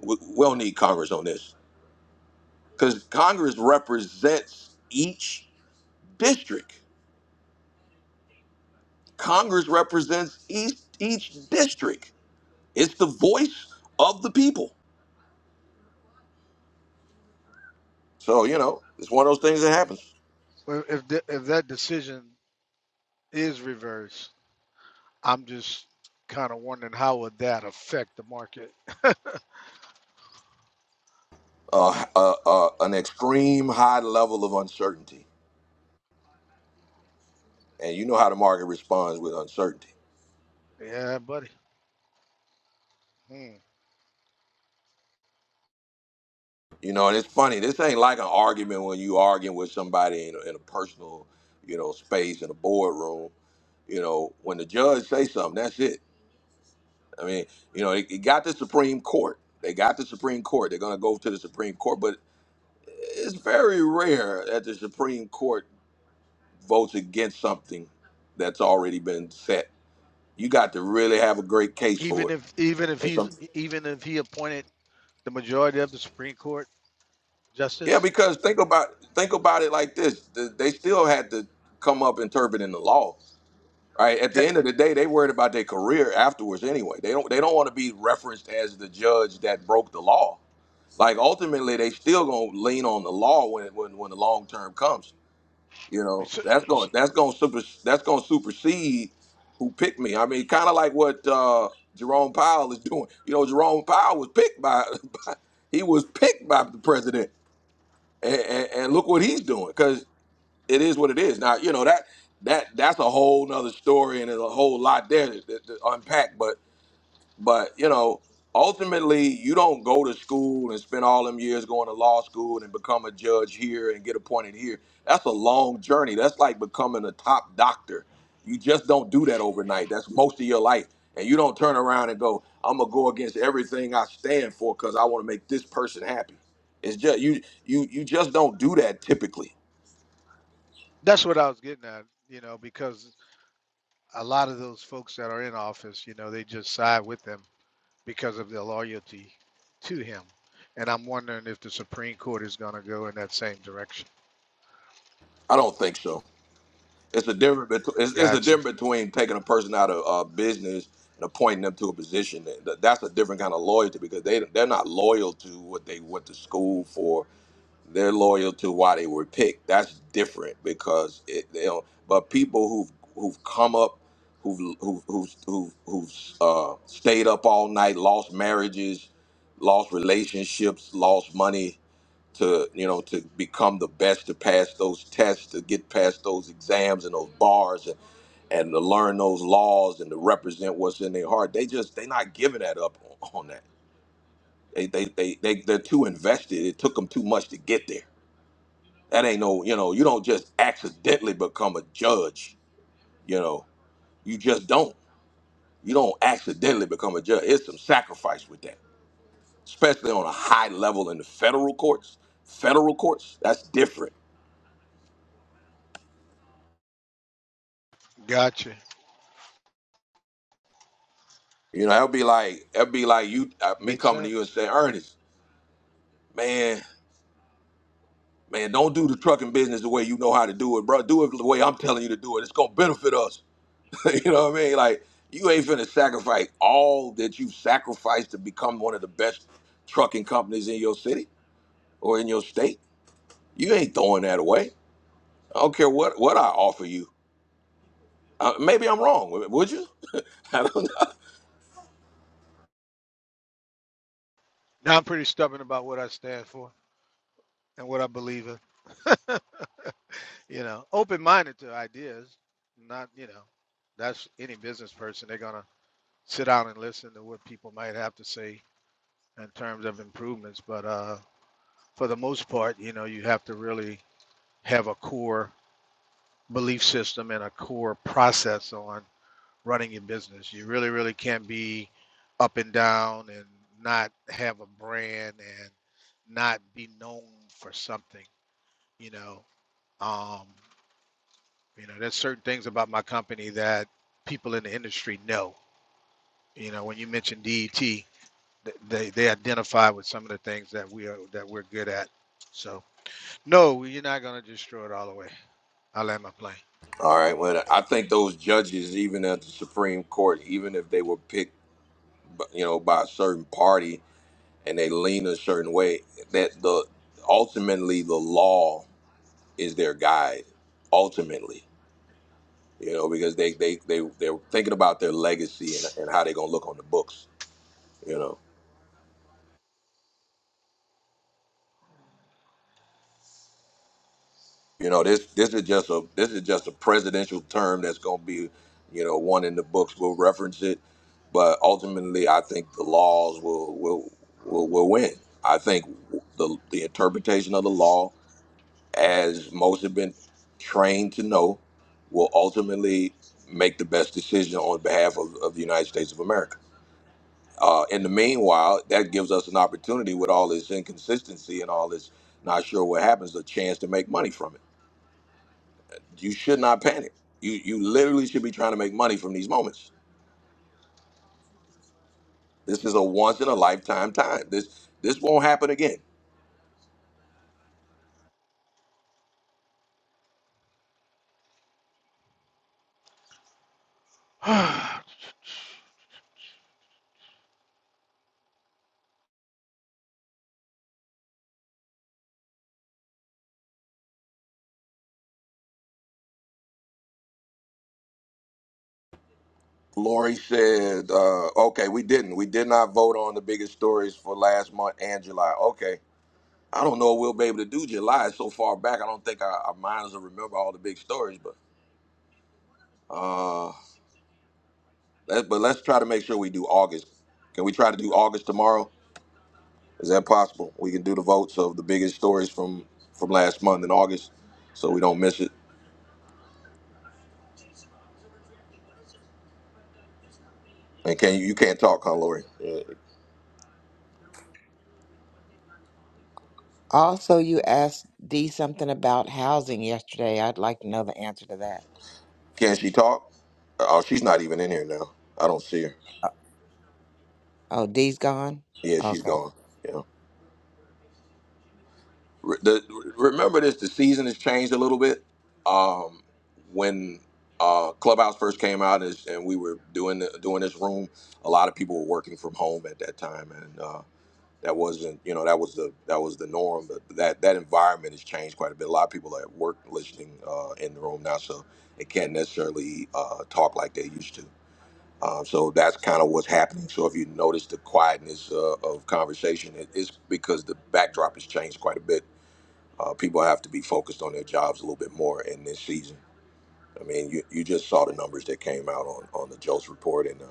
we, we don't need Congress on this because Congress represents each district. Congress represents each each district. It's the voice of the people. So you know, it's one of those things that happens. Well, If th- if that decision is reversed, I'm just kind of wondering how would that affect the market. Uh, uh, uh, an extreme high level of uncertainty, and you know how the market responds with uncertainty. Yeah, buddy. Hmm. You know, and it's funny. This ain't like an argument when you arguing with somebody in a, in a personal, you know, space in a boardroom. You know, when the judge say something, that's it. I mean, you know, it, it got the Supreme Court. They got the Supreme Court. They're gonna go to the Supreme Court, but it's very rare that the Supreme Court votes against something that's already been set. You got to really have a great case for Even it. if even if And some, he's even if he appointed the majority of the Supreme Court yeah, justice, because think about think about it like this: Th- they still had to come up interpreting the law Right. At the that, end of the day, they worried about their career afterwards anyway. They don't they don't want to be referenced as the judge that broke the law. Like ultimately they still gonna lean on the law when when, when the long term comes. You know, so- that's going so- that's gonna super that's gonna supersede who picked me. I mean, kinda like what uh Jerome Powell is doing. You know, Jerome Powell was picked by, by he was picked by the president. And, and, and look what he's doing it is what it is. Now, you know that that that's a whole nother story and there's a whole lot there to, to to unpack. But but you know, ultimately, you don't go to school and spend all them years going to law school and become a judge here and get appointed here. That's a long journey. That's like becoming a top doctor. You just don't do that overnight. That's most of your life. And you don't turn around and go, I'm gonna go against everything I stand for because I want to make this person happy. It's just you you you just don't do that typically. that's what I was getting at. You know, because a lot of those folks that are in office, you know, they just side with them. because of their loyalty to him. And I'm wondering if the Supreme Court is going to go in that same direction. I don't think so. It's a difference between it's, it's a Gotcha. difference between taking a person out of uh, business and appointing them to a position. That, that- that's a different kind of loyalty because they they're not loyal to what they went to school for. They're loyal to why they were picked. That's different because it. They don't, but people who've who've come up, who've who've who've, who've, who've uh, stayed up all night, lost marriages, lost relationships, lost money to you know to become the best to pass those tests to get past those exams and those bars and, and to learn those laws and to represent what's in their heart they just they're not giving that up on, on that they, they they they they're too invested it took them too much to get there that ain't no you know you don't just accidentally become a judge you know you just don't you don't accidentally become a judge it's some sacrifice with that especially on a high level in the federal courts federal courts that's different Gotcha. You know, that'd be like that'd be like you uh, me Makes coming to you and sense. saying, Ernest, man, man, don't do the trucking business the way you know how to do it, bro. Do it the way I'm telling you to do it. It's gonna benefit us. you know what I mean? Like you ain't finna sacrifice all that you've sacrificed to become one of the best trucking companies in your city or in your state. You ain't throwing that away. I don't care what what I offer you. Uh, maybe I'm wrong. Would you? I don't know. Now I'm pretty stubborn about what I stand for and what I believe in. you know, open minded to ideas, not, you know, that's any business person. They're going to sit down and listen to what people might have to say in terms of improvements. But uh, for the most part, you know, you have to really have a core belief system and a core process on running your business. You really, really can't be up and down and not have a brand and not be known for something. You know, um, you know, there's certain things about my company that people in the industry know. You know, when you mention DET, th- they they identify with some of the things that we are that we're good at. So no, you're not gonna destroy it all the way. I land my plane. All right. Well, I think those judges, even at the Supreme Court, even if they were picked b- you know, by a certain party and they lean a certain way, that the ultimately the law is their guide. Ultimately, you know, because they they they they're thinking about their legacy and, and how they're gonna look on the books. You know, you know this this is just a this is just a presidential term that's gonna be, you know, one in the books. We'll reference it, but ultimately, I think the laws will will will, will win. I think the the interpretation of the law as most have been trained to know, will ultimately make the best decision on behalf of, of the United States of America. Uh, in the meanwhile, that gives us an opportunity with all this inconsistency and all this not sure what happens, a chance to make money from it. You should not panic. You you literally should be trying to make money from these moments. This is a once in a lifetime time. This this won't happen again. All Lori said, uh, okay, we didn't. We did not vote on the biggest stories for last month and July. Okay I don't know if we'll be able to do July. It's so far back. I don't think our, our minds will remember all the big stories. But uh, let, but let's try to make sure we do August. Can we try to do August tomorrow? Is that possible? We can do the votes of the biggest stories from from last month in August, so we don't miss it. And can you you can't talk, huh, Lori? Yeah. Also, you asked Dee something about housing yesterday. I'd like to know the answer to that. Can she talk? Oh, she's not even in here now. I don't see her. Uh, Oh, Dee's gone? Yeah, she's Okay. gone. Yeah. Re- the, remember this the season has changed a little bit um, when uh, clubhouse first came out is, and we were doing the, doing this room a lot of people were working from home at that time and uh, that wasn't you know that was the that was the norm but that that environment has changed quite a bit a lot of people are at work listening uh, in the room now so they can't necessarily uh, talk like they used to um, so that's kind of what's happening. So if you notice the quietness uh, of conversation, it is because the backdrop has changed quite a bit uh, people have to be focused on their jobs a little bit more in this season. I mean, you, you just saw the numbers that came out on, on the Joe's report and the,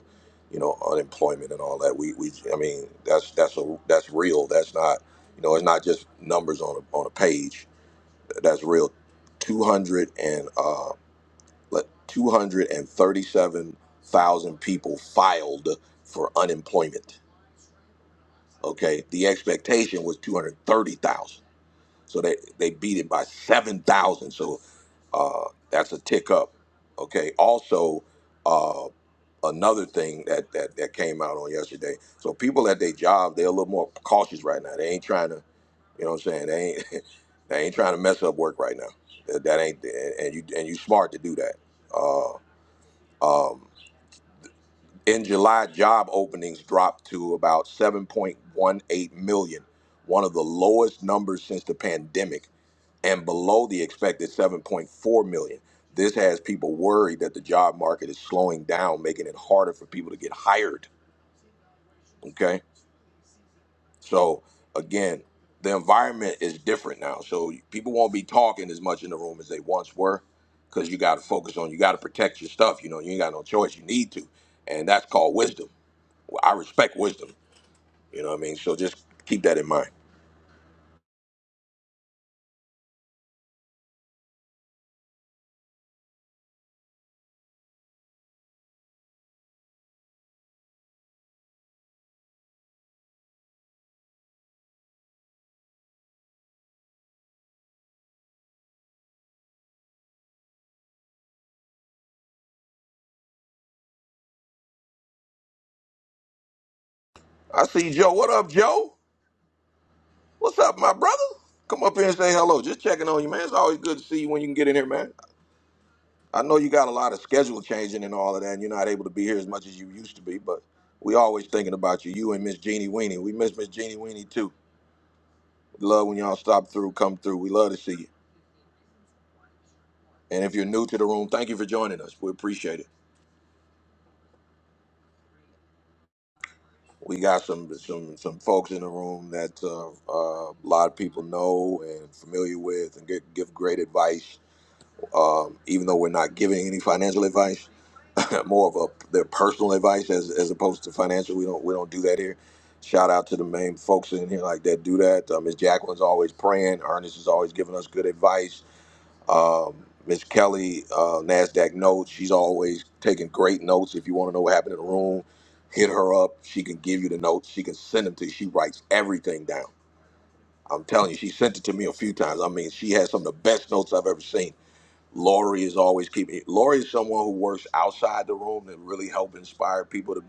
you know unemployment and all that. We, we I mean that's that's a that's real. That's not you know it's not just numbers on a, on a page. That's real. Two hundred and uh, two hundred and thirty seven thousand people filed for unemployment. Okay, the expectation was two hundred thirty thousand. So they, they beat it by 7,000. So uh, that's a tick up. Okay. Also, uh, another thing that, that, that came out on yesterday. So people at their job, they're a little more cautious right now. They ain't trying to, you know what I'm saying? They ain't, they ain't trying to mess up work right now. That, that ain't, and you, and you smart to do that. Uh, um, in July, job openings dropped to about 7.18 million, one of the lowest numbers since the pandemic and below the expected 7.4 million. This has people worried that the job market is slowing down, making it harder for people to get hired. Okay. So again, the environment is different now. So people won't be talking as much in the room as they once were because you got to focus on, you got to protect your stuff. You know, you ain't got no choice. You need to. And that's called wisdom. Well, I respect wisdom. You know what I mean? So just keep that in mind. I see Joe. What up, Joe? What's up, my brother? Come up here and say hello. Just checking on you, man. It's always good to see you when you can get in here, man. I know you got a lot of schedule changing and all of that, and you're not able to be here as much as you used to be, but we always thinking about you. You and Miss Jeannie Weenie. We miss Miss Jeannie Weenie too. We love when y'all stop through, come through. We love to see you. And if you're new to the room, thank you for joining us. We appreciate it. We got some some some folks in the room that uh, uh, a lot of people know and familiar with, and get, give great advice. Um, even though we're not giving any financial advice, more of a their personal advice as as opposed to financial. We don't we don't do that here. Shout out to the main folks in here like that do that. Uh, Miss Jacqueline's always praying. Ernest is always giving us good advice. Um, Miss Kelly, uh, Nasdaq notes. She's always taking great notes. If you want to know what happened in the room, hit her up. She can give you the notes. She can send them to you. She writes everything down. I'm telling you, she sent it to me a few times. I mean, she has some of the best notes I've ever seen Lori is always keeping. Lori is someone who works outside the room to really help inspire people to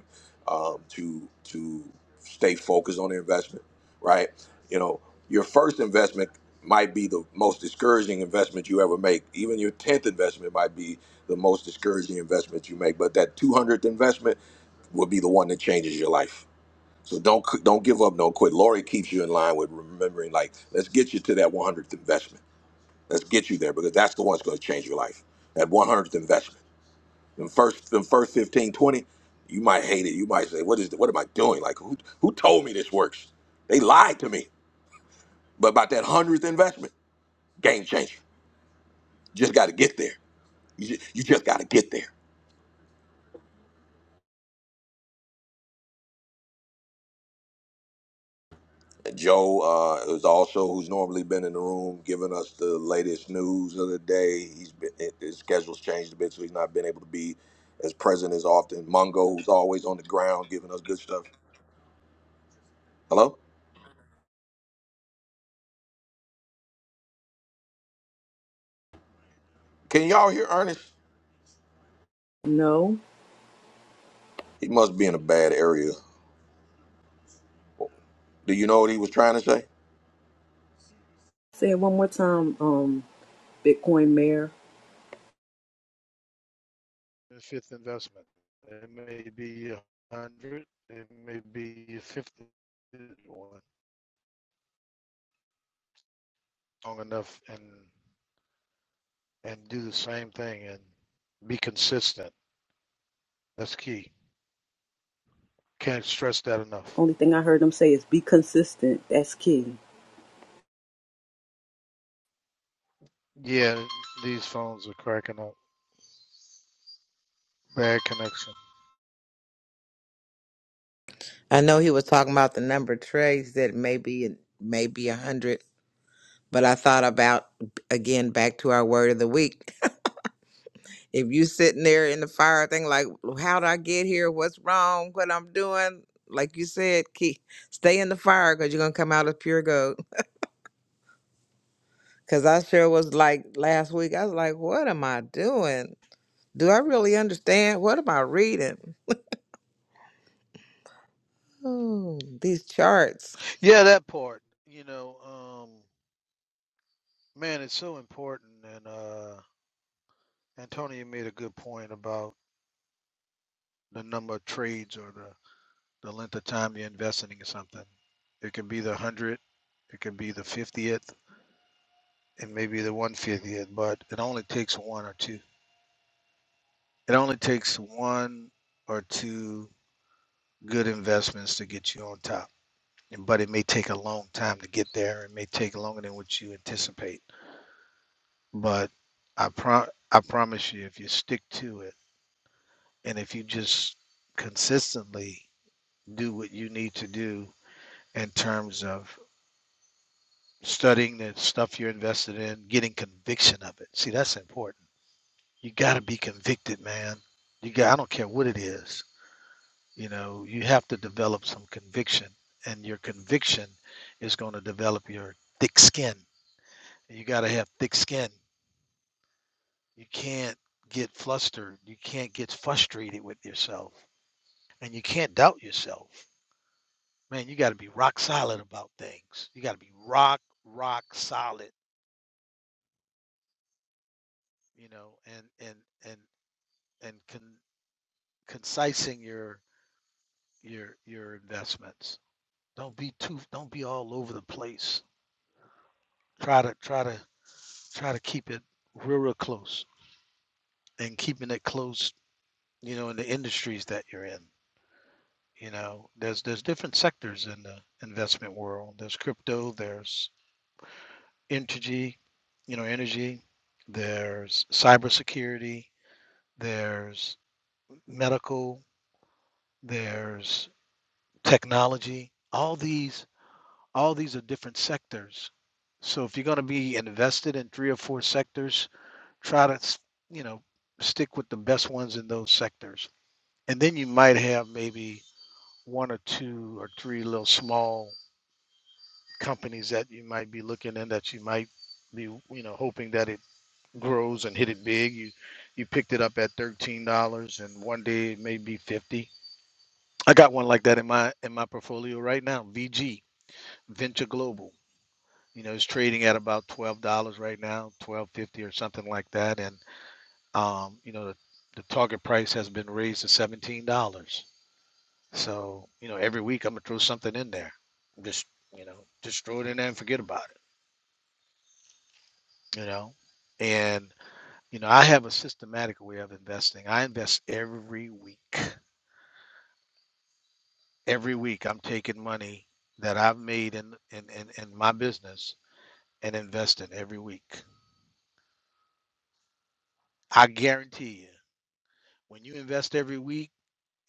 um, to to stay focused on their investment. Right? You know, your first investment might be the most discouraging investment you ever make. Even your tenth investment might be the most discouraging investment you make. But that two hundredth investment will be the one that changes your life. So don't don't give up, don't quit. Lori keeps you in line with remembering. Like, let's get you to that one hundredth investment Let's get you there because that's the one that's going to change your life. That 100th investment. The first, the first 15, 20, you might hate it. You might say, what is what am I doing? Like, who, who told me this works? They lied to me. But about that 100th investment, game changer. just got to get there. You just, you just got to get there. And Joe uh, is also who's normally been in the room giving us the latest news of the day. He's been his schedule's changed a bit, so he's not been able to be as present as often. Mongo, who's always on the ground giving us good stuff. Hello. Can y'all hear Ernest? No. He must be in a bad area. Do you know what he was trying to say? Say it one more time, um, Bitcoin Mayor. the fifth investment. It may be a hundred, it may be fifty or long enough and and do the same thing and be consistent. That's key. Can't stress that enough. Only thing I heard them say is be consistent. That's key. Yeah, these phones are cracking up. Bad connection. I know he was talking about the number of trays that maybe maybe a hundred, but I thought about again back to our word of the week. If you sitting there in the fire thing like how did I get here? What's wrong? What I'm doing? Like you said, keep stay in the fire because you're gonna come out as pure gold. Cause I sure was like last week, I was like, what am I doing? Do I really understand? What am I reading? Oh, these charts. Yeah, that part. You know, um, man, it's so important. And uh, Antonio made a good point about the number of trades or the the length of time you're investing in something. It can be the 100th it can be the fiftieth, and maybe the one fiftieth, but it only takes one or two. It only takes one or two good investments to get you on top. But it may take a long time to get there. It may take longer than what you anticipate. But I pro- I promise you, if you stick to it, and if you just consistently do what you need to do in terms of studying the stuff you're invested in, getting conviction of it. See, that's important. You got to be convicted, man. You got, I don't care what it is. You know, you have to develop some conviction, and your conviction is going to develop your thick skin. You got to have thick skin. You can't get flustered. You can't get frustrated with yourself, and you can't doubt yourself. Man, you got to be rock solid about things. You got to be rock, rock solid. You know, and and and and con- concising your your your investments. Don't be too don't be all over the place. Try to try to try to keep it real real close and keeping it close, you know, in the industries that you're in. You know, there's there's different sectors in the investment world. There's crypto, there's energy, you know, energy, there's cybersecurity, there's medical, there's technology. All these all these are different sectors. So if you're going to be invested in three or four sectors, try to, you know, stick with the best ones in those sectors. And then you might have maybe one or two or three little small companies that you might be looking in that you might be, you know, hoping that it grows and hit it big. You you picked it up at $13 and one day it may be 50. I got one like that in my in my portfolio right now, VG, Venture Global. You know, it's trading at about twelve dollars right now, twelve fifty or something like that. And um, you know, the, the target price has been raised to seventeen dollars. So you know, every week I'm gonna throw something in there. Just you know, just throw it in there and forget about it. You know, and you know, I have a systematic way of investing. I invest every week. Every week I'm taking money that I've made in in in, in my business and invest investing every week. I guarantee you, when you invest every week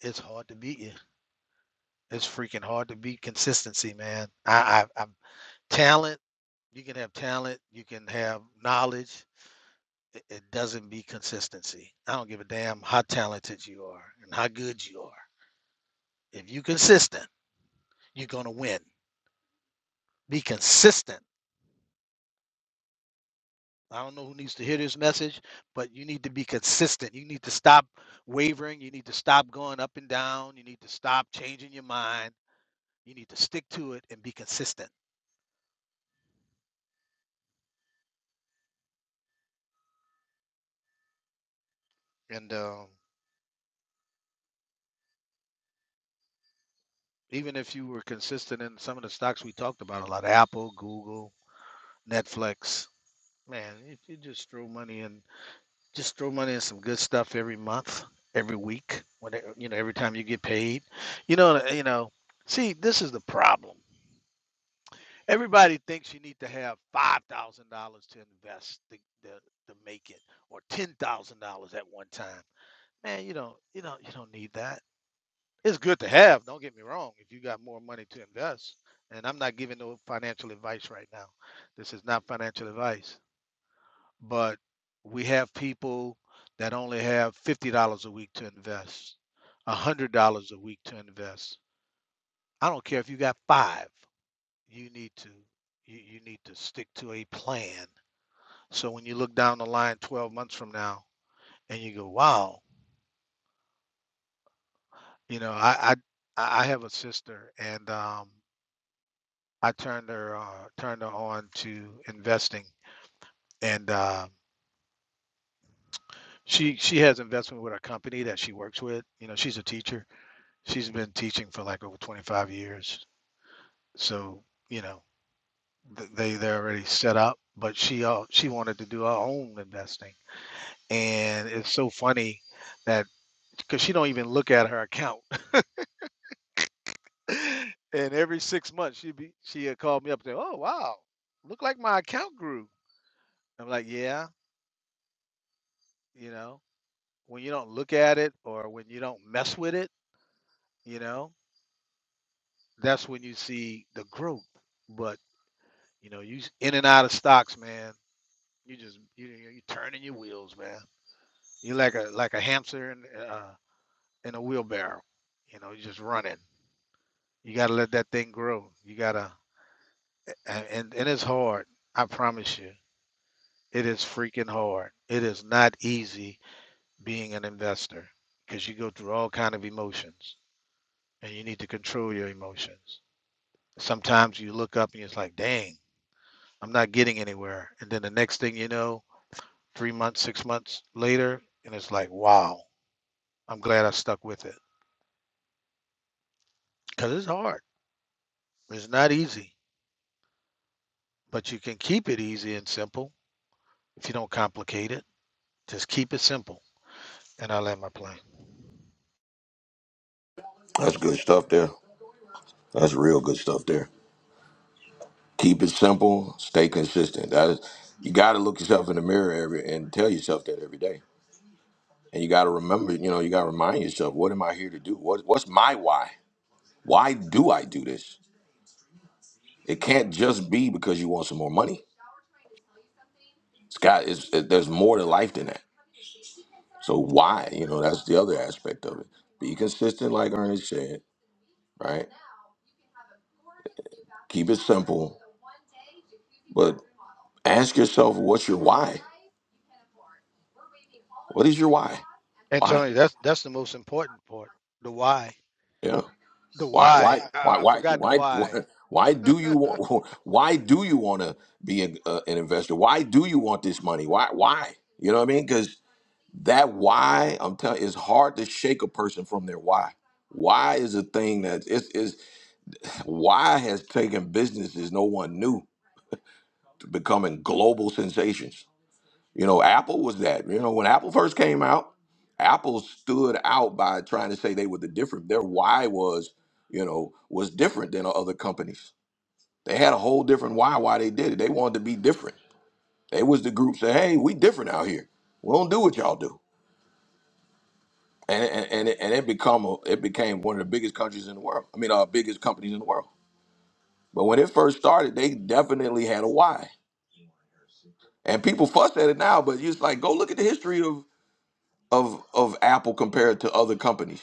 it's hard to beat you. It's freaking hard to beat consistency, man. I, I I'm talent. You can have talent. You can have knowledge. It, it doesn't be consistency. I don't give a damn how talented you are and how good you are. If you consistent, you're gonna win. Be consistent. I don't know who needs to hear this message, but you need to be consistent. You need to stop wavering. You need to stop going up and down. You need to stop changing your mind. You need to stick to it and be consistent. And um, Even if you were consistent in some of the stocks we talked about a lot, Apple, Google, Netflix, man, if you just throw money in, just throw money in some good stuff every month, every week, Whenever you know, every time you get paid, you know, you know. See, this is the problem. Everybody thinks you need to have five thousand dollars to invest to, to, to make it, or ten thousand dollars at one time. Man, you don't, you don't, you don't need that It's good to have, don't get me wrong, if you got more money to invest. And I'm not giving no financial advice right now. This is not financial advice. But we have people that only have $50 a week to invest, $100 a week to invest. I don't care if you got five, you need to you, you need to stick to a plan. So when you look down the line 12 months from now and you go, wow, you know, I I, I I have a sister and um I turned her uh, turned her on to investing, and uh, she she has investment with a company that she works with. You know, she's a teacher. She's been teaching for like over 25 years, so you know th- they they're already set up. But she uh, she wanted to do her own investing, and it's so funny that because she don't even look at her account, and every six months she be she had called me up and say, "Oh wow, look like my account grew." I'm like, "Yeah, you know." when you don't look at it or when you don't mess with it, you know, that's when you see the growth. But you know, you s- in and out of stocks, man. You just you you you turning your wheels, man. You like a like a hamster in uh, in a wheelbarrow. You know, you just running. You gotta let that thing grow. You gotta a- and and it's hard. I promise you, it is freaking hard. It is not easy being an investor because you go through all kind of emotions and you need to control your emotions Sometimes you look up and it's like, dang, I'm not getting anywhere. And then the next thing you know, three months, six months later, and it's like, wow, I'm glad I stuck with it. Because it's hard. It's not easy, but you can keep it easy and simple if you don't complicate it. Just keep it simple. And I land my plane. That's good stuff there. That's real good stuff there. Keep it simple, stay consistent. That is, you got to look yourself in the mirror every and tell yourself that every day. And you got to remember, you know, you got to remind yourself, what am I here to do? What what's my why? Why do I do this? It can't just be because you want some more money. It's got it's, it, there's more to life than that. So why? You know, that's the other aspect of it. Be consistent like Ernest said right? Keep it simple, but ask yourself what's your why? What is your why? And Why? Tony, that's that's the most important part. The why. Yeah. The Why? Why? why. Why? I, I Why? forgot the Why? why. Why why do you want? Why do you want to be an, uh, an investor? Why do you want this money? Why? Why? You know what I mean? Because that why I'm telling it's hard to shake a person from their why. Why is a thing that it's is why has taken businesses no one knew. becoming global sensations. You know, Apple was that. You know, when Apple first came out, Apple stood out by trying to say they were the different. Their why was, you know, was different than other companies. They had a whole different why why they did it. They wanted to be different. They was the group say, "Hey, we different out here. We don't do what y'all do." And and and it, and it become a, it became one of the biggest countries in the world. I mean, uh, biggest companies in the world. But when it first started, they definitely had a why. And people fuss at it now, but it's like go look at the history of of of Apple compared to other companies.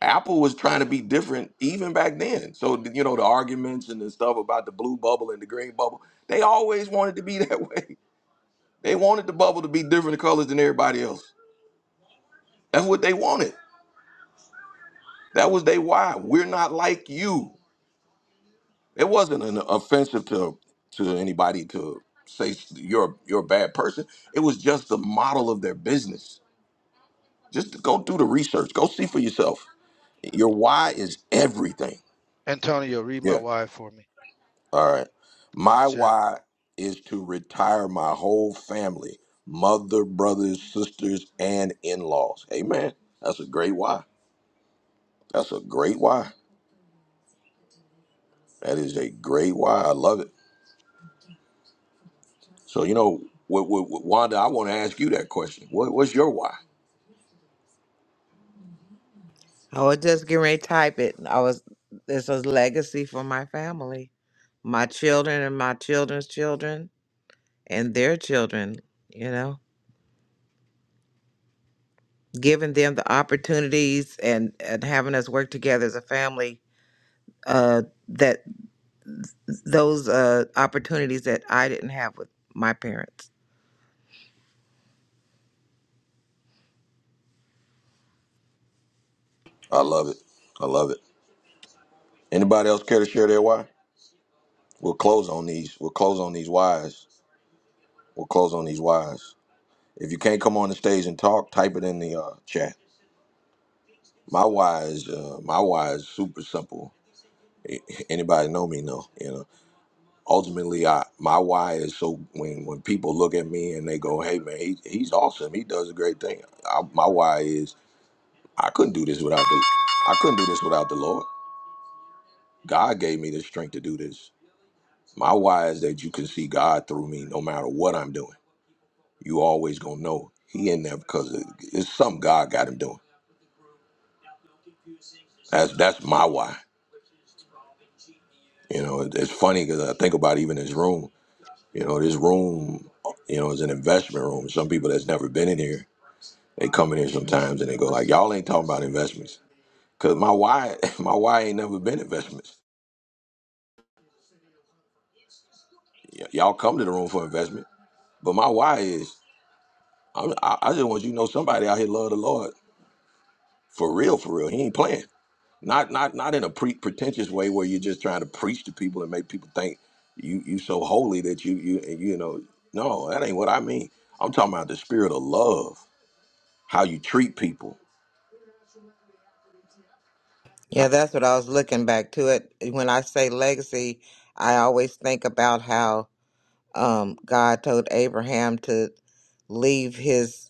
Apple was trying to be different even back then. So you know the arguments and the stuff about the blue bubble and the green bubble, they always wanted to be that way. They wanted the bubble to be different colors than everybody else. That's what they wanted. That was they why. We're not like you. It wasn't an offensive to to anybody to say s- you're you're a bad person. It was just the model of their business. Just go do the research. Go see for yourself. Your why is everything. Antonio, read my Yeah. why for me All right. in the My chat. why is to retire my whole family, mother, brothers, sisters, and in laws. Amen. That's a great why. That's a great why. That is a great why. I love it. So, you know, what, what, what- Wanda, I want to ask you that question. What, what's your why? I was just getting ready to type it. I was this was legacy for my family. My children and my children's children and their children, you know. Giving them the opportunities and, and having us work together as a family, uh, that those uh, opportunities that I didn't have with my parents. I love it. I love it. Anybody else care to share their why? We'll close on these. We'll close on these whys. We'll close on these whys. If you can't come on the stage and talk, type it in the uh, chat. My why is uh, my why is super simple. A- Anybody know me know. You know, ultimately, I my why is so when when people look at me and they go, "Hey man, he, he's awesome. He does a great thing." I, my why is I couldn't do this without the I couldn't do this without the Lord. God gave me the strength to do this. My why is that you can see God through me, no matter what I'm doing. You always gonna know He in there because it- it's something God got him doing. That's that's my why. You know, it- it's funny because I think about even this room. You know, this room, you know, is an investment room. Some people that's never been in here, they come in here sometimes and they go like, "Y'all ain't talking about investments." Cause my why, my why ain't never been investments. Y- y'all come to the room for investment, but my why is, I'm, I, I just want you to know somebody out here love the Lord for real, for real. He ain't playing. Not, not, not in a pre- pretentious way where you're just trying to preach to people and make people think you you so holy that you you you know. No, that ain't what I mean. I'm talking about the spirit of love, how you treat people Yeah, that's what I was looking back to it. When I say legacy, I always think about how Um, God told Abraham to leave his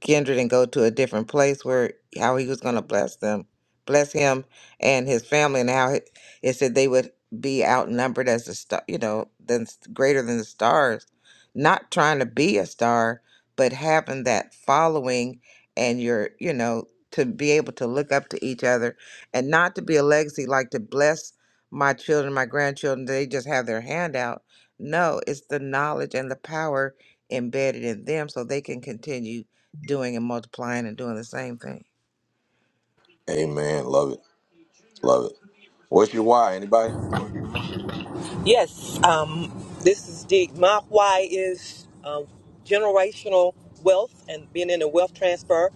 kindred and go to a different place where how he was going to bless them bless him and his family and how it, it said they would be outnumbered as the star you know than greater than the stars not trying to be a star but having that following and your you know to be able to look up to each other and not to be a legacy like to bless my children my grandchildren they just have their hand out no it's the knowledge and the power embedded in them so they can continue doing and multiplying and doing the same thing. Amen. Love it. Love it. What's your why? Anybody? Yes, um, this is Deek. My why is um, generational wealth and being in a wealth transfer.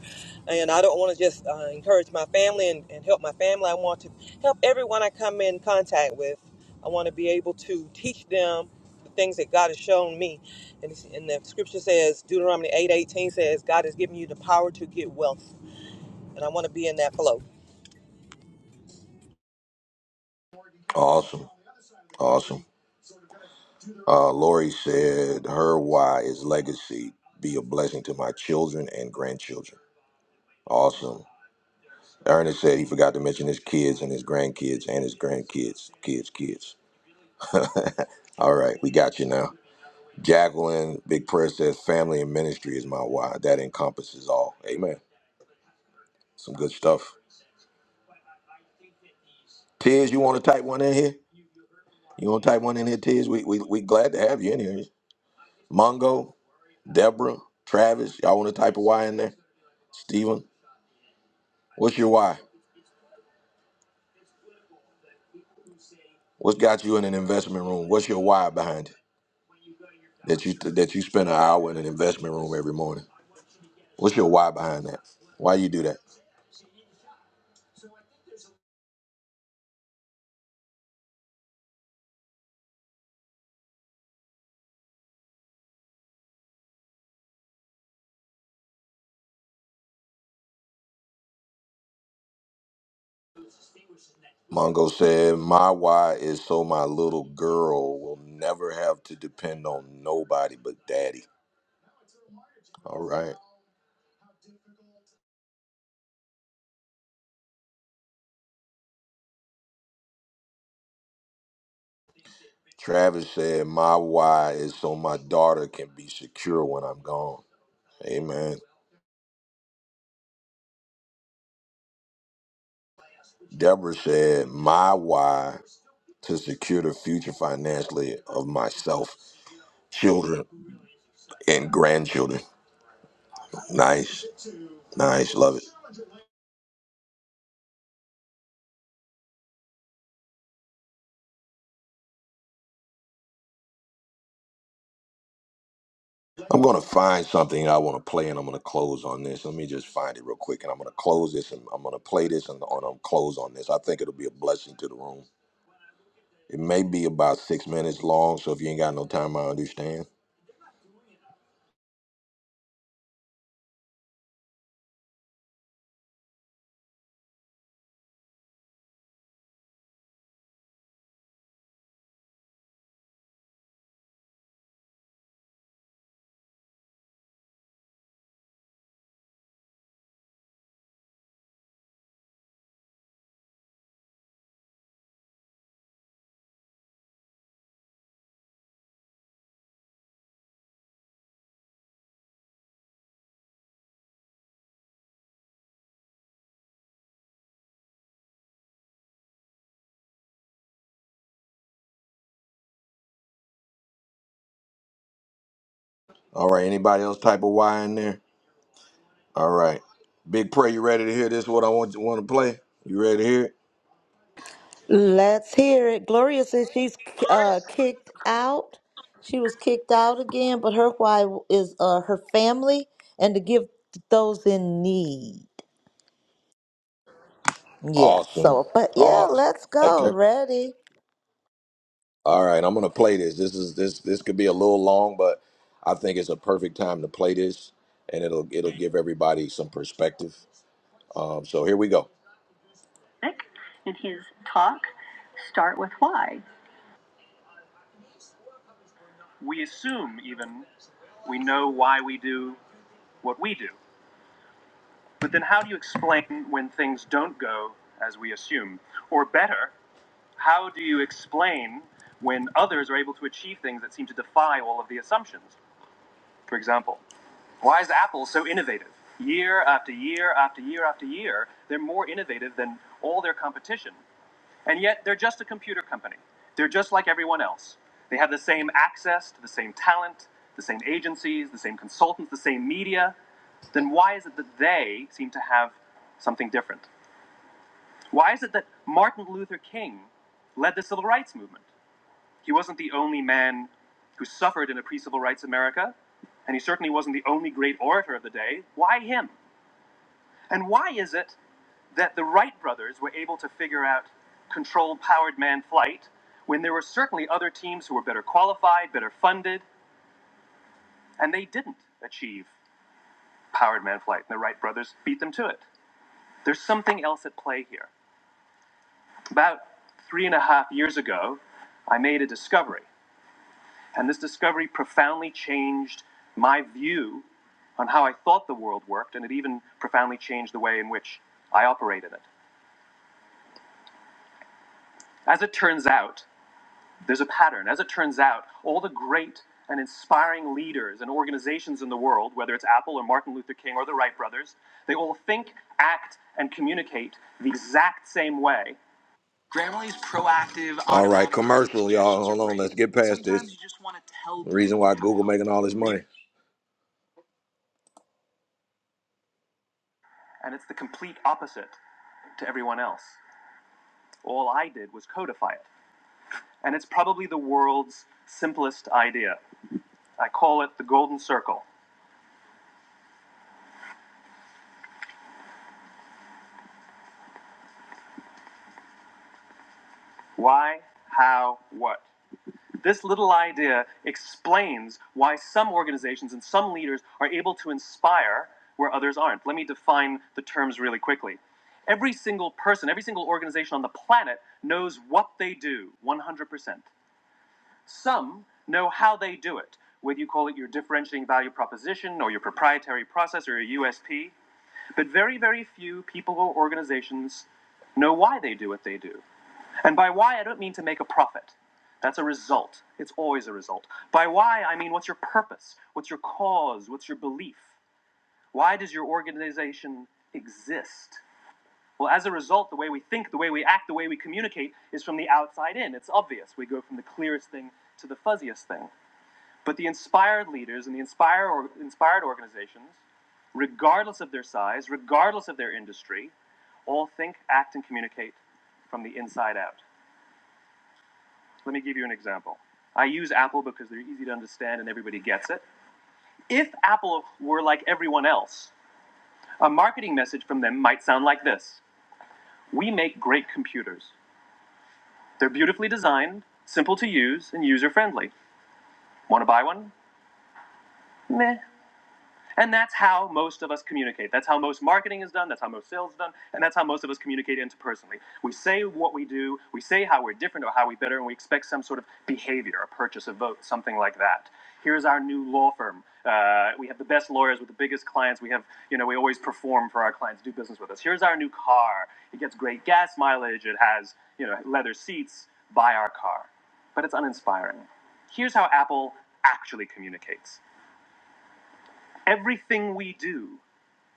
And I don't want to just uh, encourage my family and, and help my family. I want to help everyone I come in contact with. I want to be able to teach them the things that God has shown me. And, it's- and the scripture says, Deuteronomy eight eighteen says, God has given you the power to get wealth. And I want to be in that flow. Awesome. Awesome. Uh, Lori said her why is legacy. Be a blessing to my children and grandchildren. Awesome. Ernest said he forgot to mention his kids and his grandkids and his grandkids, kids, kids. All right, we got you now. Jacqueline, big prayer says family and ministry is my why. That encompasses all. Amen. Some good stuff. Tiz, you want to type one in here? You want to type one in here, Tiz? We, we, we glad to have you in here. Mongo, Deborah, Travis, y'all want to type a why in there? Steven, what's your why? What's got you in an investment room? What's your why behind it? That you that you spend an hour in an investment room every morning. What's your why behind that? Why you do that? Mongo said, "My why is so my little girl will never have to depend on nobody but daddy." All right. Travis said, "My why is so my daughter can be secure when I'm gone." Amen. Deborah said, "My why." to secure the future financially of myself, children, and grandchildren. Nice, nice, love it. I'm gonna find something I want to play, and I'm gonna close on this. Let me just find it real quick, and I'm gonna close this, and I'm gonna play this, and, and I'm close on this. I think it'll be a blessing to the room. It may be about six minutes long, so if you ain't got no time, I understand. All right, anybody else type of Y in there? All right, Big Prayer, you ready to hear this? What I want you want to play? You ready to hear it? Let's hear it. Gloria says she's uh, kicked out. She was kicked out again, but her why is uh, her family and to give to those in need. Yeah. Awesome, So, but yeah, awesome. let's go. Okay. Ready? All right, I'm gonna play this. This is this this could be a little long, but I think it's a perfect time to play this, and it'll it'll give everybody some perspective. Um, so here we go. We assume even we know why we do what we do, but then how do you explain when things don't go as we assume? Or better, how do you explain when others are able to achieve things that seem to defy all of the assumptions? for example. Why is Apple so innovative? Year after year after year after year, they're more innovative than all their competition. And yet, they're just a computer company. They're just like everyone else. They have the same access to the same talent, the same agencies, the same consultants, the same media. Then why is it that they seem to have something different? Why is it that Martin Luther King led the civil rights movement? He wasn't the only man who suffered in a pre civil rights America, and he certainly wasn't the only great orator of the day. Why him? And why is it that the Wright brothers were able to figure out controlled powered man flight when there were certainly other teams who were better qualified, better funded, and they didn't achieve powered man flight, and the Wright brothers beat them to it? There's something else at play here. About three and a half years ago, I made a discovery. And this discovery profoundly changed my view on how I thought the world worked, and it even profoundly changed the way in which I operated it. As it turns out, there's a pattern. As it turns out, all the great and inspiring leaders and organizations in the world, whether it's Apple or Martin Luther King or the Wright brothers, they all think, act, and communicate the exact same way. Grammarly's proactive. All right, commercial, y'all. Hold on. Let's get past this. The reason why Google making all this money. and it's the complete opposite to everyone else. All I did was codify it. And it's probably the world's simplest idea. I call it the golden circle. Why, how, what? This little idea explains why some organizations and some leaders are able to inspire where others aren't. Let me define the terms really quickly. Every single person, every single organization on the planet knows what they do 100%. Some know how they do it, whether you call it your differentiating value proposition or your proprietary process or your USP, but very, very few people or organizations know why they do what they do. And by why, I don't mean to make a profit. That's a result. It's always a result. By why, I mean what's your purpose? What's your cause? What's your belief? Why does your organization exist? Well, as a result, the way we think, the way we act, the way we communicate is from the outside in. It's obvious. We go from the clearest thing to the fuzziest thing. But the inspired leaders and the inspire or, inspired organizations, regardless of their size, regardless of their industry, all think, act, and communicate from the inside out. Let me give you an example. I use Apple because they're easy to understand and everybody gets it. If Apple were like everyone else, a marketing message from them might sound like this We make great computers. They're beautifully designed, simple to use, and user friendly. Want to buy one? Meh. And that's how most of us communicate. That's how most marketing is done. That's how most sales is done. And that's how most of us communicate interpersonally. We say what we do, we say how we're different or how we better, and we expect some sort of behavior, a purchase, a vote, something like that. Here's our new law firm. Uh, we have the best lawyers with the biggest clients. We have, you know, we always perform for our clients, do business with us. Here's our new car. It gets great gas mileage. It has, you know, leather seats. Buy our car. But it's uninspiring. Here's how Apple actually communicates everything we do.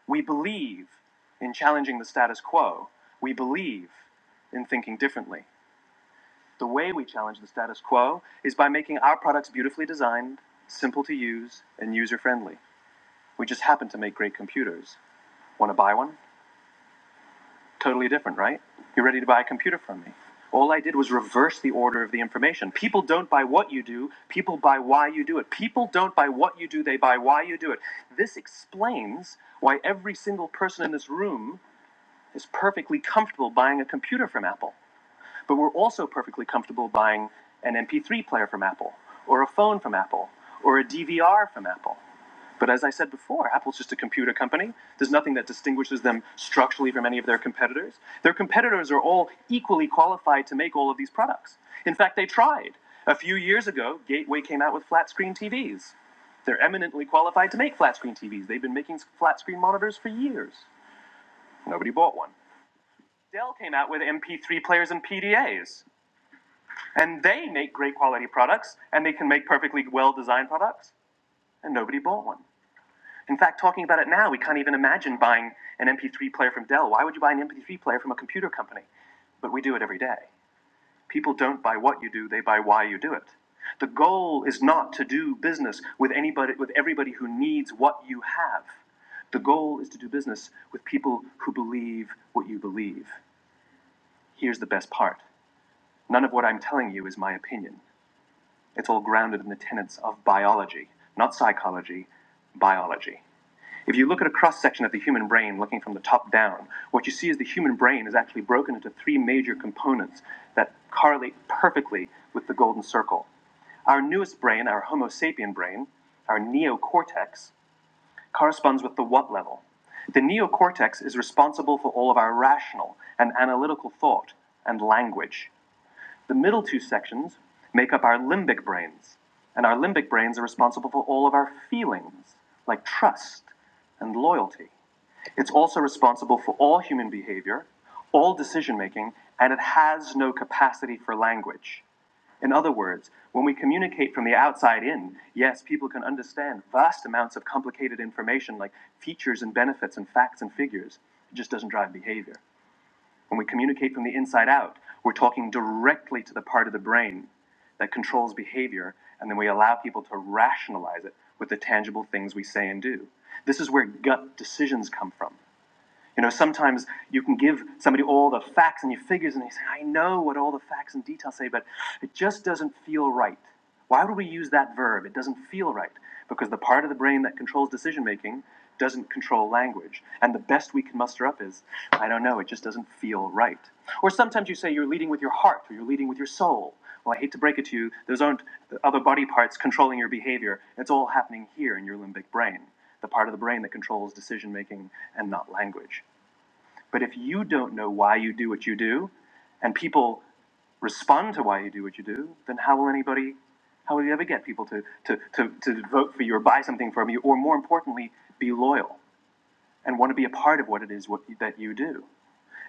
We believe in challenging the status quo. We believe in thinking differently. The way we challenge the status quo is by making our products beautifully designed, simple to use, and user friendly. We just happen to make great computers. Want to buy one? Totally different, right? You're ready to buy a computer from me. All I did was reverse the order of the information. People don't buy what you do, people buy why you do it. People don't buy what you do, they buy why you do it. This explains why every single person in this room is perfectly comfortable buying a computer from Apple, but we're also perfectly comfortable buying an MP3 player from Apple, or a phone from Apple, or a DVR from Apple. But as I said before, Apple's just a computer company. There's nothing that distinguishes them structurally from any of their competitors. Their competitors are all equally qualified to make all of these products. In fact, they tried. A few years ago, Gateway came out with flat screen TVs. They're eminently qualified to make flat screen TVs. They've been making flat screen monitors for years. Nobody bought one. Dell came out with MP3 players and PDAs, and they make great quality products, and they can make perfectly well designed products, and nobody bought one. In fact, talking about it now, we can't even imagine buying an MP3 player from Dell. Why would you buy an MP3 player from a computer company? But we do it every day. People don't buy what you do, they buy why you do it. The goal is not to do business with anybody with everybody who needs what you have. The goal is to do business with people who believe what you believe. Here's the best part. None of what I'm telling you is my opinion. It's all grounded in the tenets of biology, not psychology, biology. If you look at a cross section of the human brain looking from the top down, what you see is the human brain is actually broken into three major components that correlate perfectly with the golden circle. Our newest brain, our Homo sapien brain, our neocortex, corresponds with the what level. The neocortex is responsible for all of our rational and analytical thought and language. The middle two sections make up our limbic brains, and our limbic brains are responsible for all of our feelings, like trust and loyalty. It's also responsible for all human behavior, all decision making, and it has no capacity for language. In other words, when we communicate from the outside in, yes, people can understand vast amounts of complicated information like features and benefits and facts and figures. It just doesn't drive behavior. When we communicate from the inside out, we're talking directly to the part of the brain that controls behavior, and then we allow people to rationalize it with the tangible things we say and do. This is where gut decisions come from. You know, sometimes you can give somebody all the facts and your figures, and they say, I know what all the facts and details say, but it just doesn't feel right. Why would we use that verb? It doesn't feel right. Because the part of the brain that controls decision making doesn't control language. And the best we can muster up is, I don't know, it just doesn't feel right. Or sometimes you say you're leading with your heart or you're leading with your soul. Well, I hate to break it to you, those aren't the other body parts controlling your behavior. It's all happening here in your limbic brain, the part of the brain that controls decision making and not language. But if you don't know why you do what you do, and people respond to why you do what you do, then how will anybody, how will you ever get people to, to, to, to vote for you or buy something from you, or more importantly, be loyal and want to be a part of what it is what, that you do?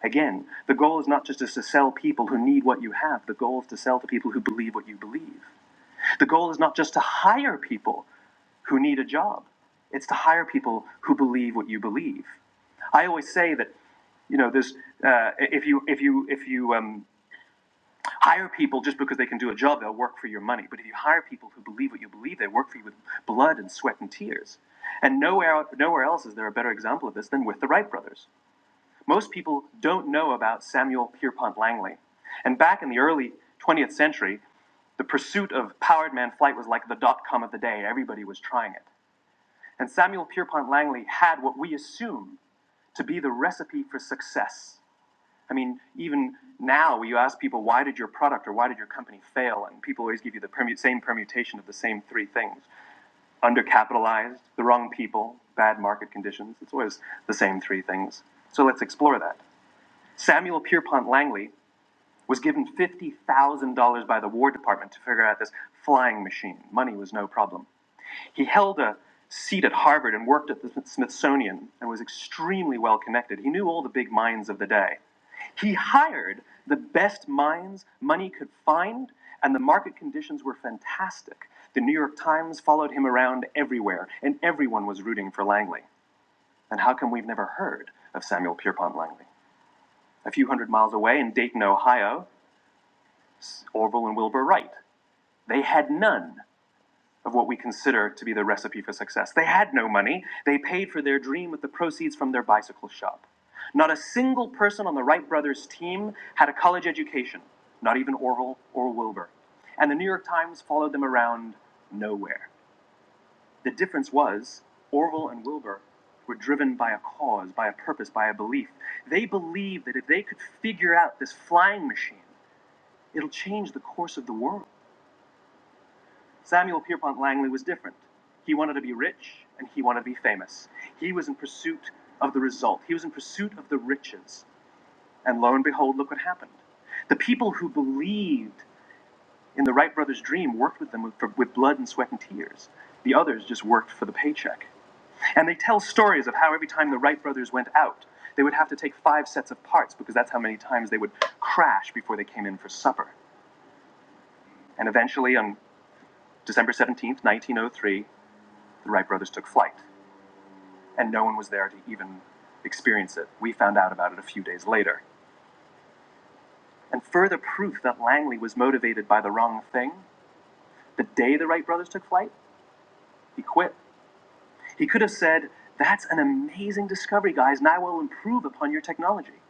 Again, the goal is not just to sell people who need what you have. The goal is to sell to people who believe what you believe. The goal is not just to hire people who need a job. It's to hire people who believe what you believe. I always say that, you know, there's uh, if you if you if you um, hire people just because they can do a job, they'll work for your money. But if you hire people who believe what you believe, they work for you with blood and sweat and tears. And nowhere nowhere else is there a better example of this than with the Wright brothers. Most people don't know about Samuel Pierpont Langley, and back in the early 20th century, the pursuit of powered man flight was like the dot com of the day. Everybody was trying it. And Samuel Pierpont Langley had what we assume to be the recipe for success. I mean, even now, you ask people, why did your product or why did your company fail? And people always give you the permu- same permutation of the same three things undercapitalized, the wrong people, bad market conditions. It's always the same three things. So let's explore that. Samuel Pierpont Langley was given $50,000 by the War Department to figure out this flying machine. Money was no problem. He held a seat at Harvard and worked at the Smithsonian and was extremely well connected. He knew all the big minds of the day. He hired the best minds money could find, and the market conditions were fantastic. The New York Times followed him around everywhere, and everyone was rooting for Langley. And how come we've never heard of Samuel Pierpont Langley? A few hundred miles away in Dayton, Ohio, Orville and Wilbur Wright. They had none. of what we consider to be the recipe for success. They had no money. They paid for their dream with the proceeds from their bicycle shop. Not a single person on the Wright brothers' team had a college education, not even Orville or Wilbur. And the New York Times followed them around nowhere. The difference was Orville and Wilbur were driven by a cause, by a purpose, by a belief. They believed that if they could figure out this flying machine, it'll change the course of the world. Samuel Pierpont Langley was different. He wanted to be rich and he wanted to be famous. He was in pursuit of the result, he was in pursuit of the riches. And lo and behold, look what happened. The people who believed in the Wright brothers' dream worked with them with, for, with blood and sweat and tears. The others just worked for the paycheck. And they tell stories of how every time the Wright brothers went out, they would have to take five sets of parts because that's how many times they would crash before they came in for supper. And eventually, on December 17th, 1903, the Wright brothers took flight. and no one was there to even experience it. We found out about it a few days later. And further proof that Langley was motivated by the wrong thing, the day the Wright brothers took flight, he quit. He could have said, That's an amazing discovery, guys, and I will improve upon your technology.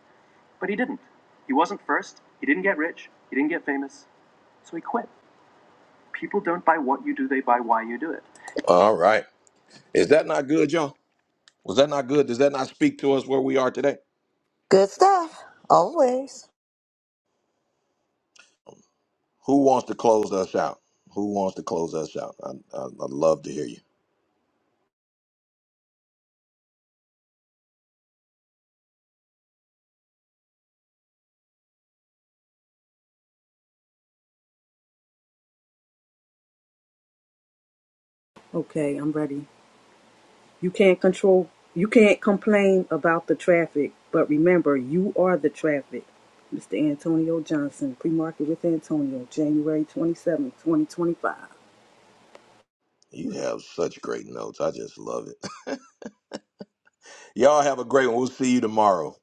But he didn't. He wasn't first, he didn't get rich, he didn't get famous, so he quit. People don't buy what you do, they buy why you do it. All right. Is that not good, y'all? Was that not good? Does that not speak to us where we are today? Good stuff, always. Who wants to close us out? Who wants to close us out? I, I, I'd love to hear you. Okay, I'm ready. You can't control you can't complain about the traffic, but remember you are the traffic. Mr. Antonio Johnson, pre-market with Antonio, January 27, 2025. You have such great notes. I just love it. Y'all have a great one. We'll see you tomorrow.